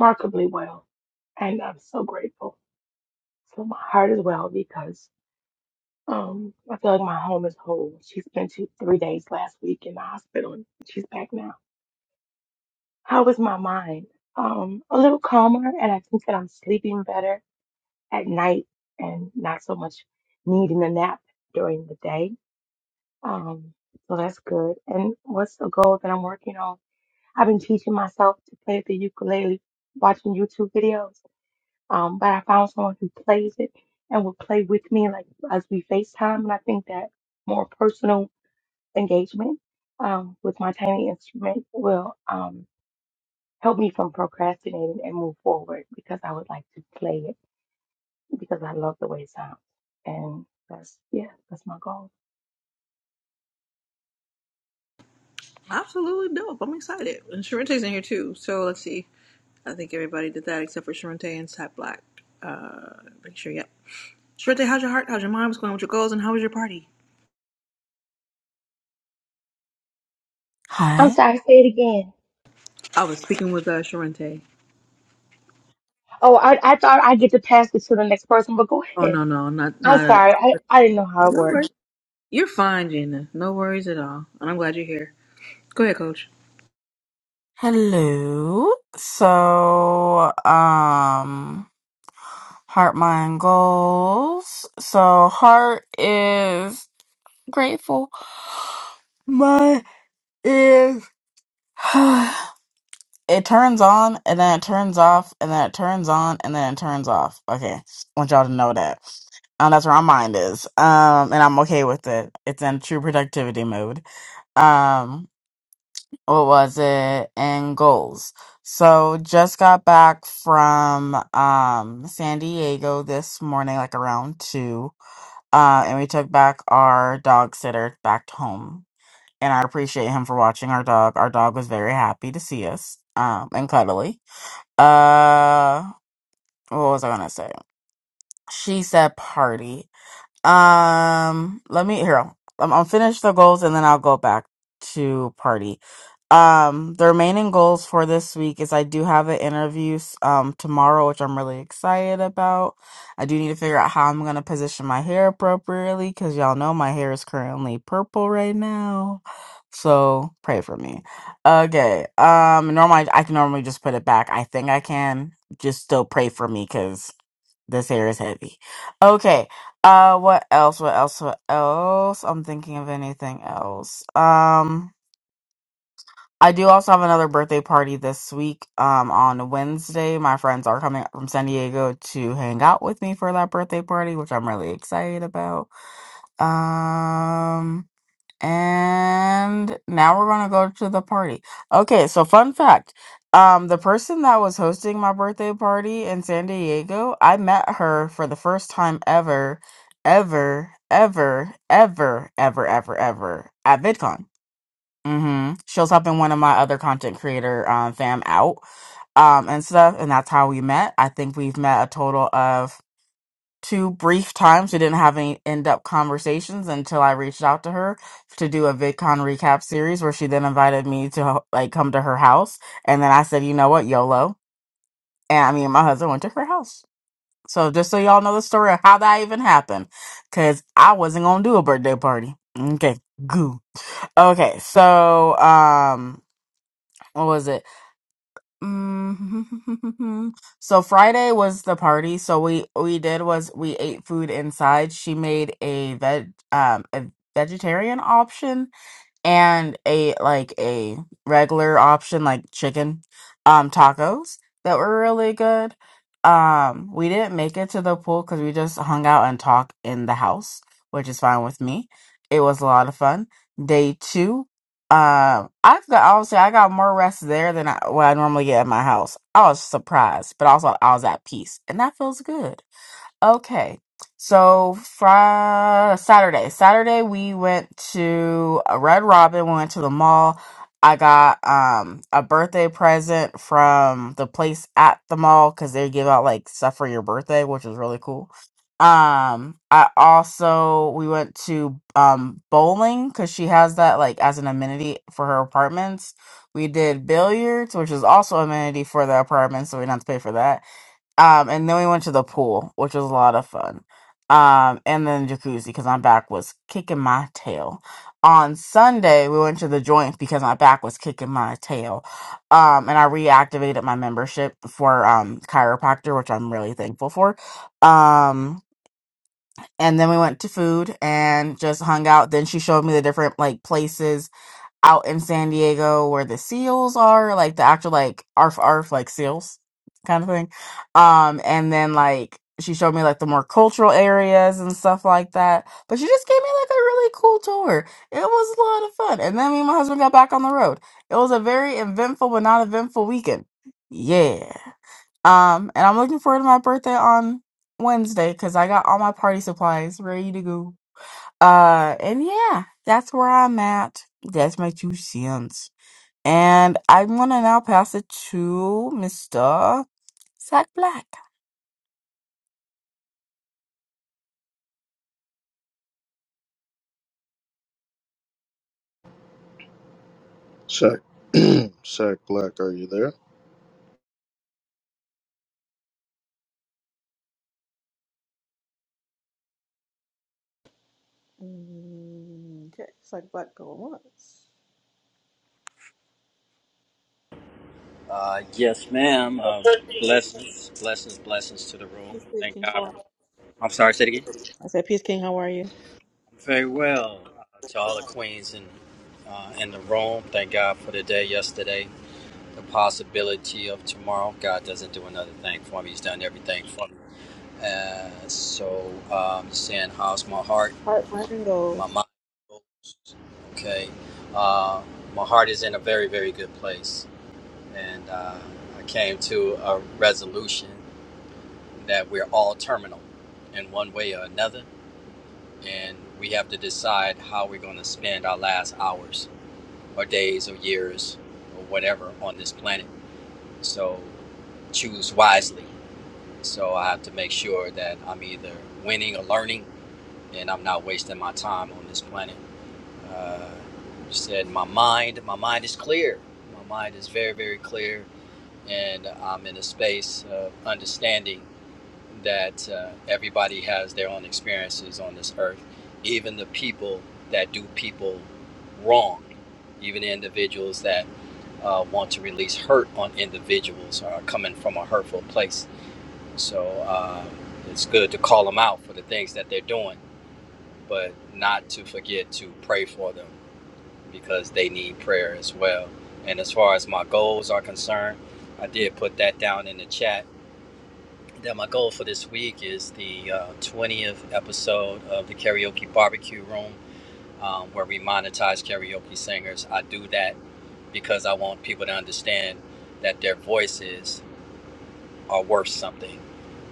S7: remarkably well. And I'm so grateful. So my heart is well because Um, I feel like my home is whole. She spent two, three days last week in the hospital. She's back now. How is my mind? Um, a little calmer, and I think that I'm sleeping better at night and not so much needing a nap during the day. Um, so that's good. And what's the goal that I'm working on? I've been teaching myself to play the ukulele, watching YouTube videos. Um, but I found someone who plays it and will play with me, like as we FaceTime, and I think that more personal. engagement um, with my tiny instrument will um, help me from procrastinating and move forward because I would like to play it because I love the way it sounds. And that's, yeah, that's my goal.
S1: Absolutely dope. I'm excited. And Sharente's in here too. So let's see. I think everybody did that except for Sharente and Sat Black. Uh, make sure, yep. Sharente, how's your heart? How's your mind? What's going on with your goals? And how was your party?
S7: I'm
S8: Hi.
S7: sorry, say it again.
S1: I was speaking with uh, Sharente.
S7: Oh, I, I thought i get to pass it to the next person, but go
S1: Oh,
S7: ahead.
S1: no, no, not,
S7: I'm
S1: not, uh,
S7: sorry. I, I didn't know how it
S1: no
S7: worked.
S1: worries. You're fine, Gina. No worries at all. And I'm glad you're here. Go ahead, coach.
S8: Hello. So, um, heart, mind, goals. So, heart is grateful. Mind is. it turns on and then it turns off and then it turns on and then it turns off. Okay. want y'all to know that. Um, that's where my mind is. Um, and I'm okay with it. It's in true productivity mode. Um, what was it in goals. So just got back from um San Diego this morning, like around two. Uh, and we took back our dog sitter back to home. And I appreciate him for watching our dog. Our dog was very happy to see us. Um and cuddly. Uh what was I gonna say? She said party. Um, let me here. I'm, I'll finish the goals and then I'll go back to party. Um, the remaining goals for this week is I do have an interview s- um tomorrow, which I'm really excited about. I do need to figure out how I'm gonna position my hair appropriately because y'all know my hair is currently purple right now. So pray for me. Okay. Um, normally I, can normally just put it back. I think I can. Just still pray for me this hair is heavy. Okay. Uh, what else? What else? What else? I'm thinking of anything else. Um, I do also have another birthday party this week. Um, on Wednesday, my friends are coming from San Diego to hang out with me for that birthday party, which I'm really excited about. Um. And now we're gonna go to the party. Okay, so fun fact. Um, the person that was hosting my birthday party in San Diego, I met her for the first time ever, ever, ever, ever, ever, ever, ever at VidCon. Mm-hmm. She was helping one of my other content creator um, fam out um, and stuff, and that's how we met. I think we've met a total of two brief times. We didn't have any in-depth conversations until I reached out to her to do a VidCon recap series, where she then invited me to ho- like come to her house, and then I said, you know what, YOLO, and I mean my husband went to her house. So just so y'all know the story of how that even happened, because I wasn't gonna do a birthday party. Okay, goo. Okay, so um, what was it? mm So Friday was the party. So we we did was we ate food inside. She made a veg um a vegetarian option and a like a regular option like chicken um tacos that were really good. Um we didn't make it to the pool cuz we just hung out and talked in the house, which is fine with me. It was a lot of fun. Day 2 um I got obviously I got more rest there than I what I normally get at my house. I was surprised, but also I was at peace and that feels good. Okay. So Friday, Saturday, Saturday we went to a Red Robin. We went to the mall. I got um a birthday present from the place at the mall because they give out like stuff for your birthday, which is really cool. Um, I also we went to um bowling because she has that like as an amenity for her apartments. We did billiards, which is also amenity for the apartment, so we didn't have to pay for that um, and then we went to the pool, which was a lot of fun. Um, and then jacuzzi because my back was kicking my tail. On Sunday, we went to the joint because my back was kicking my tail. Um, and I reactivated my membership for um chiropractor, which I'm really thankful for. Um, and then we went to food and just hung out. Then she showed me the different like places out in San Diego where the seals are, like the actual like arf arf like seals kind of thing. Um, and then like she showed me like the more cultural areas and stuff like that. But she just gave me like a really cool tour. It was a lot of fun. And then me and my husband got back on the road. It was a very eventful but not eventful weekend. Yeah. Um, and I'm looking forward to my birthday on Wednesday because I got all my party supplies ready to go. Uh, and yeah, that's where I'm at. That's my two cents. And I'm gonna now pass it to Mr. Sack Black.
S3: Sec, Sec Black, are you there?
S1: Mm, okay, it's like black girl once.
S9: Uh, yes, ma'am. Uh, blessings, blessings, blessings to the room.
S1: Peace, peace,
S9: Thank
S1: King.
S9: God.
S1: How are
S9: I'm sorry, say it again.
S1: you? I said, peace, King. How are you?
S9: Very well. Uh, to all the queens in, uh, in the room, thank God for the day yesterday, the possibility of tomorrow. God doesn't do another thing for me. He's done everything for me. Uh, so um, saying, how's my heart,
S1: Heart, mind, and
S9: my
S1: goals.
S9: mind? goes. Okay, uh, my heart is in a very, very good place, and uh, I came to a resolution that we're all terminal in one way or another, and we have to decide how we're going to spend our last hours or days or years or whatever on this planet. So choose wisely. So I have to make sure that I'm either winning or learning, and I'm not wasting my time on this planet. Uh, you said my mind, my mind is clear. My mind is very, very clear, and I'm in a space of understanding that uh, everybody has their own experiences on this earth, even the people that do people wrong, even the individuals that uh, want to release hurt on individuals or are coming from a hurtful place. So uh, it's good to call them out for the things that they're doing, but not to forget to pray for them because they need prayer as well. And as far as my goals are concerned, I did put that down in the chat that my goal for this week is the uh, 20th episode of the karaoke barbecue room um, where we monetize karaoke singers i do that because i want people to understand that their voices are worth something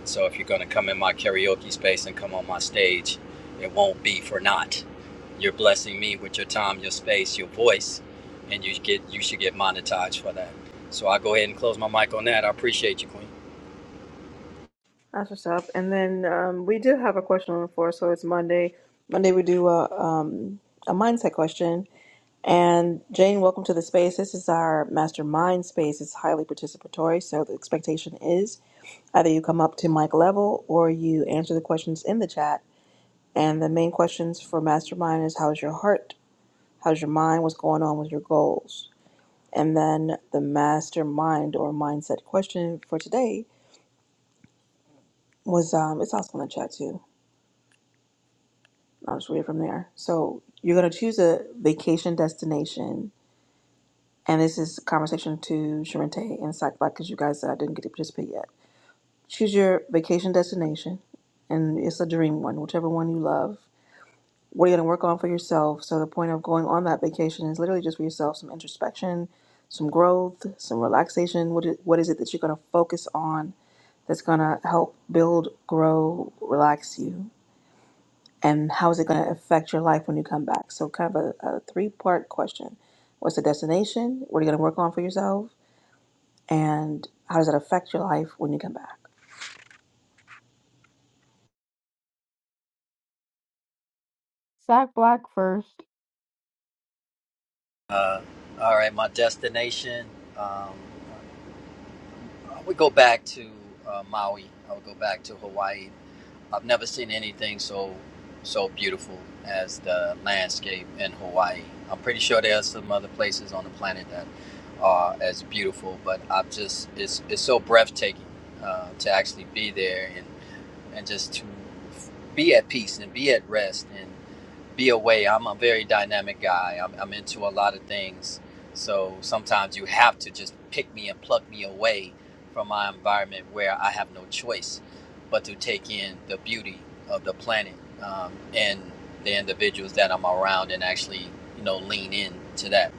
S9: so if you're going to come in my karaoke space and come on my stage it won't be for naught you're blessing me with your time your space your voice and you get you should get monetized for that so i'll go ahead and close my mic on that i appreciate you queen
S1: That's what's up. And then um, we do have a question on the floor, so it's Monday. Monday we do a um, a mindset question. And Jane, welcome to the space. This is our mastermind space. It's highly participatory, so the expectation is either you come up to mic level or you answer the questions in the chat. And the main questions for mastermind is how's your heart? How's your mind? What's going on with your goals? And then the mastermind or mindset question for today was um, it's also in the chat too I'll just read it from there. So you're going to choose a vacation destination. And this is a conversation to Sharente and Psych Black because you guys uh, didn't get to participate yet. Choose your vacation destination, and it's a dream one, whichever one you love. What are you going to work on for yourself? So the point of going on that vacation is literally just for yourself some introspection, some growth, some relaxation. What is, what is it that you're going to focus on that's going to help build, grow, relax you? and how is it going to affect your life when you come back? So, kind of a, a three part question What's the destination? What are you going to work on for yourself? And how does that affect your life when you come back?
S8: Sack Black first.
S9: Uh, all right, my destination. Um, I would go back to uh, Maui. I would go back to Hawaii. I've never seen anything so so beautiful as the landscape in Hawaii. I'm pretty sure there are some other places on the planet that are as beautiful, but I've just it's it's so breathtaking uh, to actually be there and and just to be at peace and be at rest be away. I'm a very dynamic guy. I'm, I'm into a lot of things. So sometimes you have to just pick me and pluck me away from my environment where I have no choice but to take in the beauty of the planet um, and the individuals that I'm around and actually, you know, lean in to that.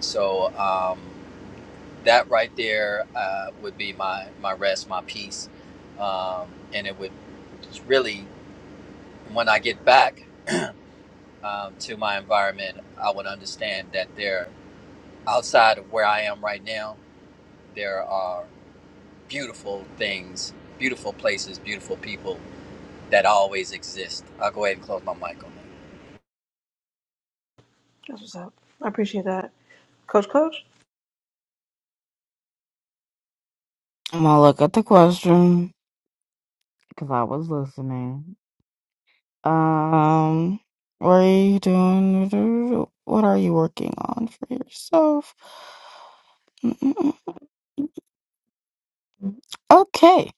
S9: So um, that right there uh, would be my, my rest, my peace. Um, and it would really, when I get back, um, to my environment, I would understand that there, outside of where I am right now, there are beautiful things, beautiful places, beautiful people that always exist. I'll go ahead and close my mic on that.
S1: That's what's up. I appreciate that. Coach, coach?
S8: I'm gonna look at the question because I was listening. Um, what are you doing? What are you working on for yourself? Mm-mm-mm. Okay,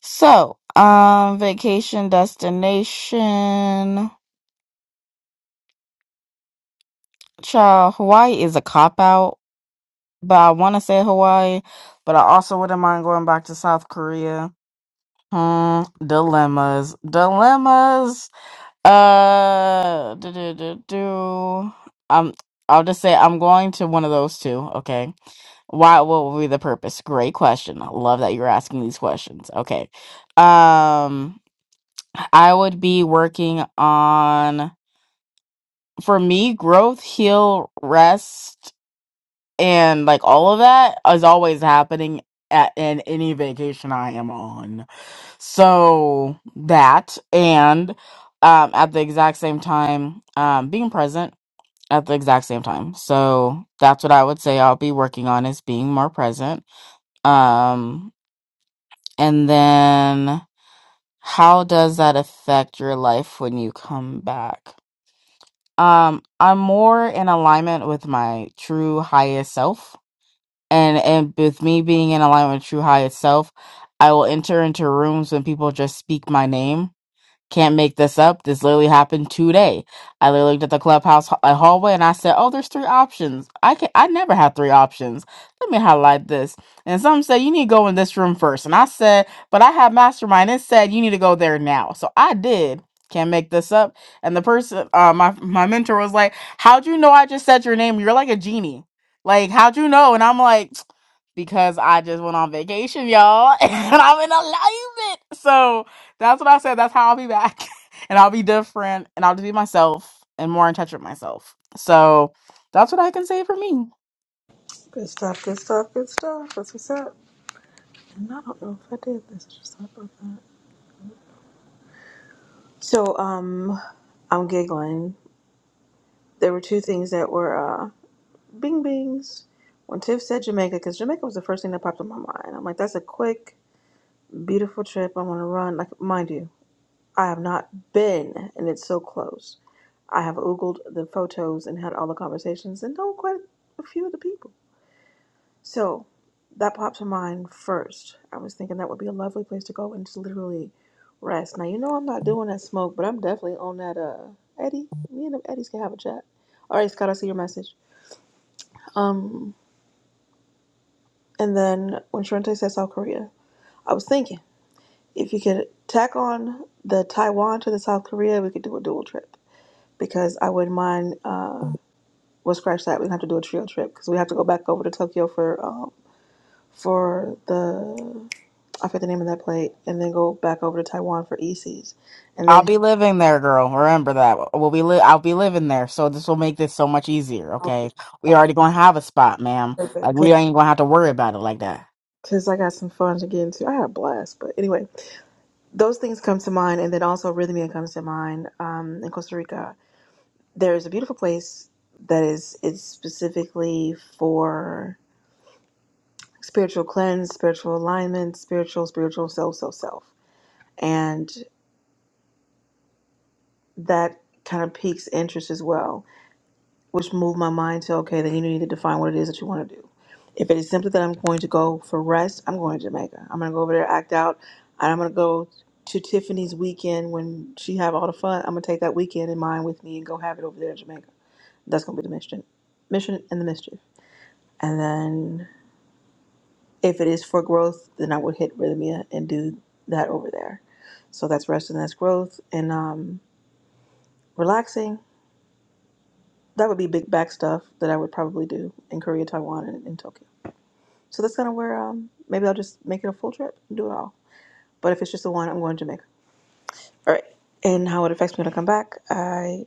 S8: so um, vacation destination. Child, Hawaii is a cop out but I want to say Hawaii, but I also wouldn't mind going back to South Korea. Hmm, dilemmas, dilemmas. Uh, do do do do. Um, I'll just say I'm going to one of those two. Okay, why? What will be the purpose? Great question. I love that you're asking these questions. Okay, um, I would be working on for me growth, heal, rest and like all of that is always happening at in any vacation I am on. So that and um at the exact same time, um being present at the exact same time. So that's what I would say I'll be working on is being more present. Um and then how does that affect your life when you come back? Um I'm more in alignment with my true highest self and and with me being in alignment with True High itself, I will enter into rooms when people just speak my name can't make this up. This literally happened today. I literally looked at the clubhouse h- uh, hallway and I said, "Oh, there's three options. I can I never have three options. Let me highlight this." And some said, "You need to go in this room first. And I said, "But I have mastermind." It said, "You need to go there now." So I did. Can't make this up. And the person, uh, my my mentor was like, "How'd you know I just said your name? You're like a genie. Like, how'd you know?" And I'm like, because I just went on vacation, y'all, and I'm in alignment. So that's what I said. That's how I'll be back. and I'll be different and I'll just be myself and more in touch with myself. So that's what I can say for me.
S1: Good stuff, good stuff, good stuff. That's what's up. And I don't know if I did this. I just thought about that. So, um, I'm giggling. There were two things that were uh, bing bings. When Tiff said Jamaica, because Jamaica was the first thing that popped in my mind. I'm like, that's a quick, beautiful trip. I want to run. Like, mind you. I have not been, and it's so close. I have oogled the photos and had all the conversations and know quite a few of the people. So that popped to mind first. I was thinking that would be a lovely place to go and just literally rest. Now you know I'm not doing that smoke, but I'm definitely on that uh Eddie. Me and them Eddies can have a chat. All right, Scott, I see your message. Um, and then when Sharente said South Korea, I was thinking if you could tack on the Taiwan to the South Korea, we could do a dual trip because I wouldn't mind. Uh, Well, scratch that. We have to do a trio trip because we have to go back over to Tokyo for um for the I forget the name of that play, and then go back over to Taiwan for ECs, and
S8: I'll
S1: then
S8: be living there, girl. Remember that. We'll be li- I'll be living there. So this will make this so much easier, okay? We
S1: okay,
S8: already gonna have a spot, ma'am. Like
S1: perfect.
S8: we ain't gonna have to worry about it like that.
S1: Because I got some fun to get into. I had a blast, but anyway, those things come to mind, and then also Rhythmia comes to mind. Um, in Costa Rica, there is a beautiful place that is it's specifically for spiritual cleanse, spiritual alignment, spiritual, spiritual self, self, self, and. that kind of piques interest as well, which moved my mind to okay, then you need to define what it is that you want to do. If it is simply that I'm going to go for rest, I'm going to Jamaica. I'm going to go over there, act out, and I'm going to go to Tiffany's weekend when she have all the fun. I'm going to take that weekend in mind with me and go have it over there in Jamaica. That's going to be the mission, mission and the mischief. And then if it is for growth, then I would hit Rhythmia and do that over there. So that's rest and that's growth and um, relaxing that would be big back stuff that I would probably do in Korea, Taiwan, and in Tokyo. So that's kind of where um, maybe I'll just make it a full trip and do it all. But if it's just the one, I'm going to Jamaica. All right. And how it affects me when I come back, I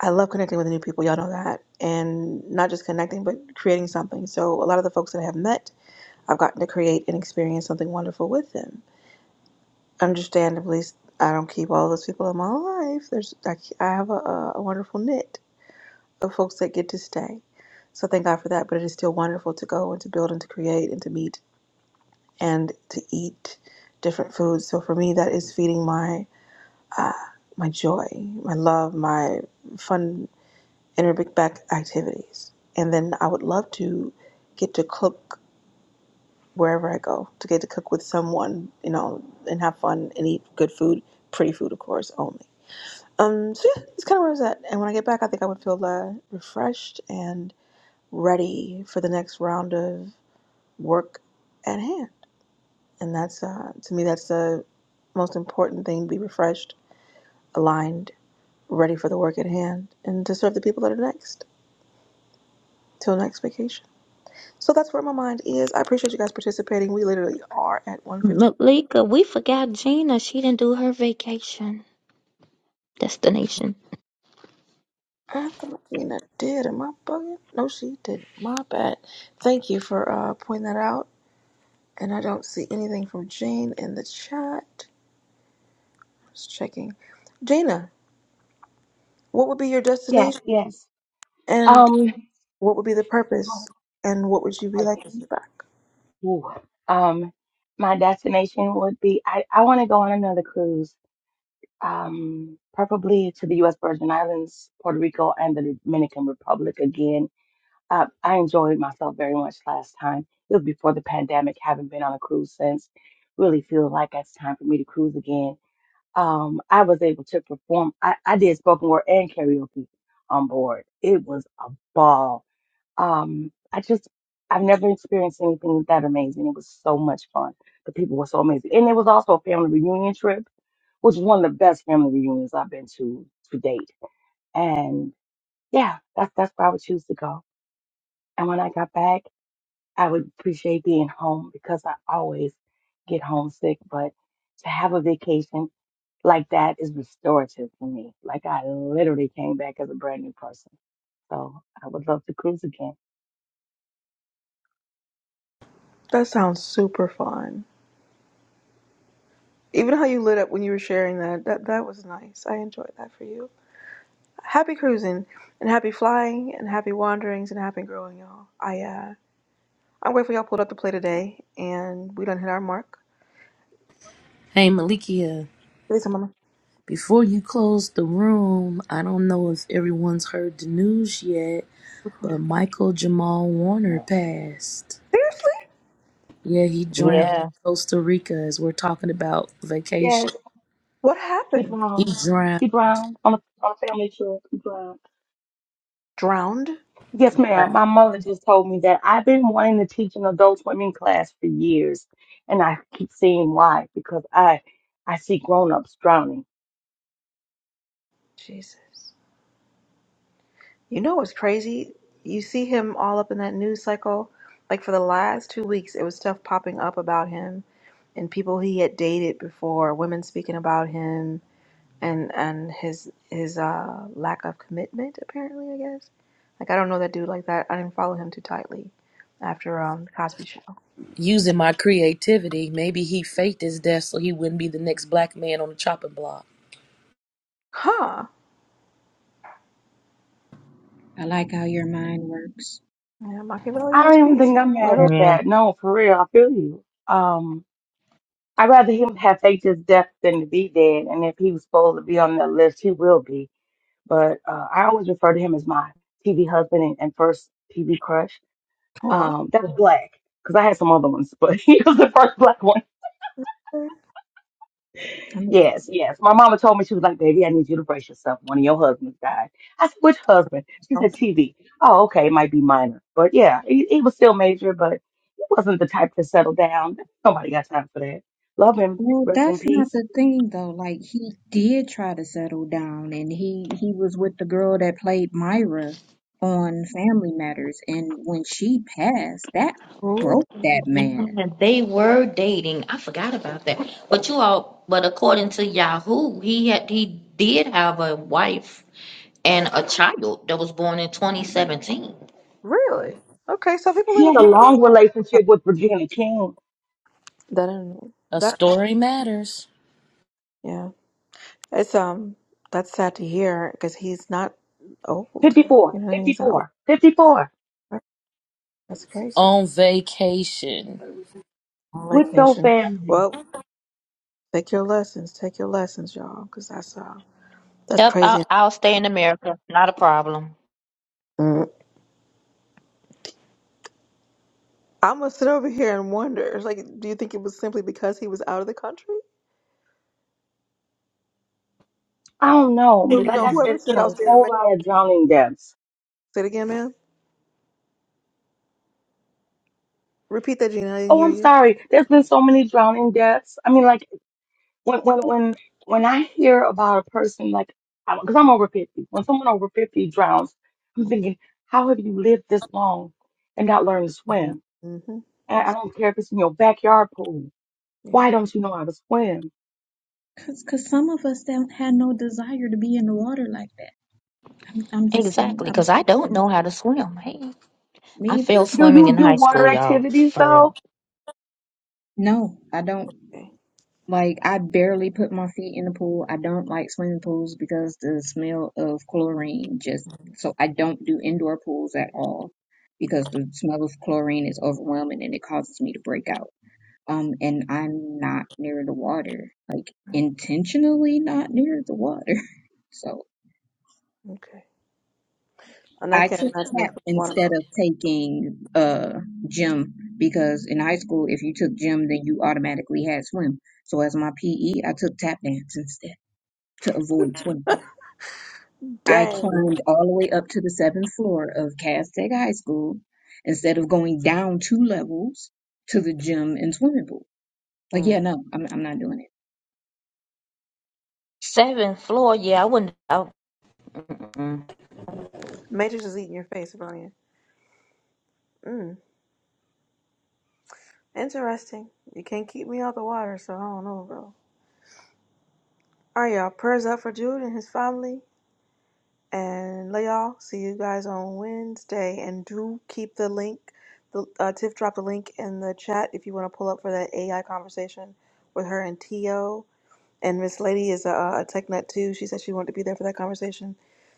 S1: I love connecting with new people. Y'all know that, and not just connecting, but creating something. So a lot of the folks that I have met, I've gotten to create and experience something wonderful with them. Understandably, I don't keep all those people in my life. There's I, I have a, a a wonderful knit, Of folks that get to stay. So thank God for that. But it is still wonderful to go and to build and to create and to meet and to eat different foods. So for me, that is feeding my uh, my joy, my love, my fun inner big back activities. And then I would love to get to cook wherever I go, to get to cook with someone, you know, and have fun and eat good food, pretty food, of course, only. Um, so yeah, it's kind of where I was at. And when I get back, I think I would feel uh, refreshed and ready for the next round of work at hand. And that's, uh, to me, that's the most important thing be refreshed, aligned, ready for the work at hand, and to serve the people that are next till next vacation. So that's where my mind is. I appreciate you guys participating. We literally are at 150.
S2: Malika, we forgot Gina. She didn't do her vacation destination.
S1: I thought Gina did. Am I bugging? No, she did. My bad. Thank you for uh, pointing that out. And I don't see anything from Jane in the chat. Just checking. Gina, what would be your
S7: Yes,
S1: destination?
S7: yes.
S1: and
S7: Um,
S1: What would be the purpose and what would you be like when
S7: focus.
S1: you're back?
S7: Ooh. Um, my destination would be, I, I want to go on another cruise. um, preferably to the U.S. Virgin Islands, Puerto Rico, and the Dominican Republic again. Uh, I enjoyed myself very much last time. It was before the pandemic. Haven't been on a cruise since. Really feel like it's time for me to cruise again. Um, I was able to perform. I, I did spoken word and karaoke on board. It was a ball. Um, I just I've never experienced anything that amazing. It was so much fun. The people were so amazing, and it was also a family reunion trip which is one of the best family reunions I've been to to date. And yeah, that's that's where I would choose to go. And when I got back, I would appreciate being home because I always get homesick. But to have a vacation like that is restorative for me. Like I literally came back as a brand new person. So I would love to cruise again.
S1: That sounds super fun. Even how you lit up when you were sharing that, that that was nice. I enjoyed that for you. Happy cruising and happy flying and happy wanderings and happy growing, y'all. I uh I'm grateful y'all pulled up to play today and we done hit our mark.
S6: Hey, Malikia,
S1: At least I'm on my
S6: before you close the room, I don't know if everyone's heard the news yet,
S1: before.
S6: but Michael Jamal Warner passed.
S1: Seriously?
S6: Yeah, he drowned in
S2: Yeah,
S6: Costa Rica as we're talking about vacation.
S7: Yes,
S1: What
S7: keep
S1: happened?
S6: He
S7: around,
S6: drowned.
S7: keep around on a on a family trip. Keep around.
S1: Drowned?
S7: Yes, ma'am.
S6: bruh.
S7: My mother just told me that I've been wanting to teach an adult swimming class for years, and I keep seeing why because I I see grown-ups drowning.
S1: Jesus. You know what's crazy? You see him all up in that news cycle. Like for the last two weeks, it was stuff popping up about him and people he had dated before, women speaking about him and and his his uh, lack of commitment. Apparently, I guess. Like I don't know that dude like that. I didn't follow him too tightly after um the Cosby Show.
S6: Using my creativity, maybe he faked his death so he wouldn't be the next black man on the chopping block.
S1: Huh?
S5: I like how your mind works.
S1: Yeah, Machiavelli
S7: I
S1: in his
S7: don't even
S1: piece.
S7: think I'm
S1: Lord
S7: mad
S1: on.
S7: at
S2: yeah.
S7: that. No, for real, I feel you. Um, I'd rather him have faked his death than to be dead. And if he was supposed to be on that list, he will be. But uh, I always refer to him as my TV husband and, and first TV crush.
S1: Oh,
S7: Um, that was black because I had some other ones, but he was the first black one.
S1: okay.
S5: I'm
S7: Yes, yes. My mama told me she was like, "Baby, I need you to brace yourself. One of your husbands died." I said, "Which husband?" She said, "TV." Oh, okay, it might be minor, but yeah, he, he was still major, but he wasn't the type to settle down. Nobody got time for that. Love him,
S5: Well,
S7: rest in
S5: that's not
S7: peace.
S5: the thing though. Like he did try to settle down and he he was with the girl that played Myra on Family Matters and when she passed, that
S1: Oh,
S5: broke that man.
S2: Yeah, they were dating. I forgot about that. But you all, but according to Yahoo, he had he did have a wife and a child that was born in 2017.
S1: really? Okay, so people
S7: He
S1: live
S7: had
S1: in
S7: a long relationship with Virginia King.
S1: That I don't know.
S6: A
S1: That
S6: story matters.
S1: yeah. It's um. That's sad to hear because he's not old.
S7: 54,
S1: You know what I mean? He's not old.
S7: 54, 54.
S1: That's crazy.
S6: On vacation.
S1: Like
S7: With your
S1: Nation.
S7: family.
S1: Well, Take your lessons. Take your lessons, y'all, because that's uh, that's
S2: Yep,
S1: crazy.
S2: I'll, I'll stay in America. Not a problem.
S1: Mm. I'm gonna sit over here and wonder. It's Like, do you think it was simply because he was out of the country?
S7: I don't know, but
S1: Well,
S7: like
S1: No,
S7: I
S2: Hmm.
S7: said,
S1: whoever
S7: it's been
S1: said I
S7: a
S1: was being
S7: whole
S1: American.
S7: lot of drowning deaths.
S1: Say it again, ma'am. Repeat that, Gina. I didn't
S7: Oh,
S1: hear
S7: I'm sorry. There's been so many drowning deaths. I mean, like when when when when I hear about a person like because I'm over fifty, when someone over fifty drowns, I'm thinking, how have you lived this long and not learned to
S1: you.
S7: swim?
S1: Mm-hmm.
S7: And I
S1: That's,
S7: don't care if it's in your backyard pool.
S1: yeah.
S7: Why don't you know how to swim?
S5: Cause cause some of us don't had no desire to be in the water like that. I'm I'm just saying,
S2: Exactly,
S5: I'm
S2: because I
S5: speaking for
S2: don't know how to
S5: myself.
S2: swim. Hey,
S5: Me
S2: I
S5: either.
S2: failed
S7: Do
S2: swimming
S7: you
S2: in
S7: do
S2: high school,
S7: water
S2: y'all.
S7: activities
S2: For real.
S7: though?
S5: No, I don't
S1: Okay.
S5: Like I barely put my feet in the pool. I don't like swimming pools because the smell of chlorine just so I don't do indoor pools at all because the smell of chlorine is overwhelming and it causes me to break out. Um, and I'm not near the water, like intentionally not near the water. So
S1: Okay. And I
S5: I
S1: can't
S5: took
S1: imagine it
S5: tap
S1: could be water.
S5: instead of taking uh gym because in high school if you took gym then you automatically had swim. So as my PE, I took tap dance instead. to avoid swimming. I
S1: Dang.
S5: climbed all the way up to the seventh floor of Castaic High School instead of going down two levels to the gym and swimming pool. Like,
S1: Mm.
S5: yeah, no, I'm I'm not doing it.
S2: Seventh floor, yeah, I wouldn't. I,
S1: Matrix is eating your face, Brian. Mm. Interesting. You can't keep me out the water, so I don't know, bro. All right, y'all. Prayers up for Jude and his family. And love y'all. See you guys on Wednesday. And do keep the link. The uh, Tiff dropped a link in the chat if you want to pull up for that AI conversation with her and Tio. And Miss Lady is a, a tech nut too. She said she wanted to be there for that conversation.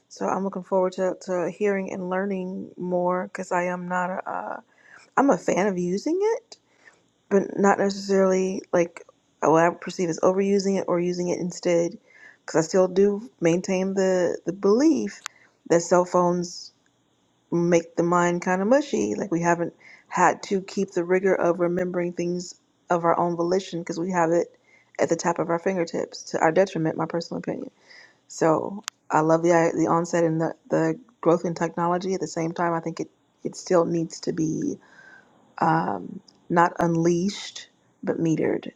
S1: So I'm looking forward to, to hearing and learning more because I am not a uh, I'm a fan of using it but not necessarily like uh, what I perceive as overusing it or using it instead, because I still do maintain the the belief that cell phones make the mind kind of mushy. Like we haven't had to keep the rigor of remembering things of our own volition because we have it at the tap of our fingertips to our detriment. My personal opinion. So I love the the onset and the the growth in technology. At the same time, I think it it still needs to be um, not unleashed, but metered.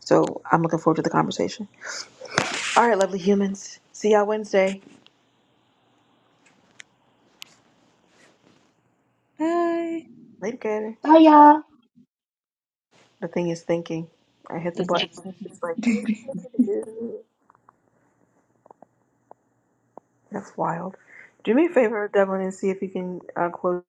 S1: So I'm looking forward to the conversation. All right, lovely humans. See y'all Wednesday.
S5: Bye.
S1: Later, Gator.
S7: Oh, yeah.
S1: The thing is thinking. I hit the
S5: Just a
S1: button.
S5: second.
S1: It's like, that's wild. Do me a favor, Devlin, and see if you can uh, close.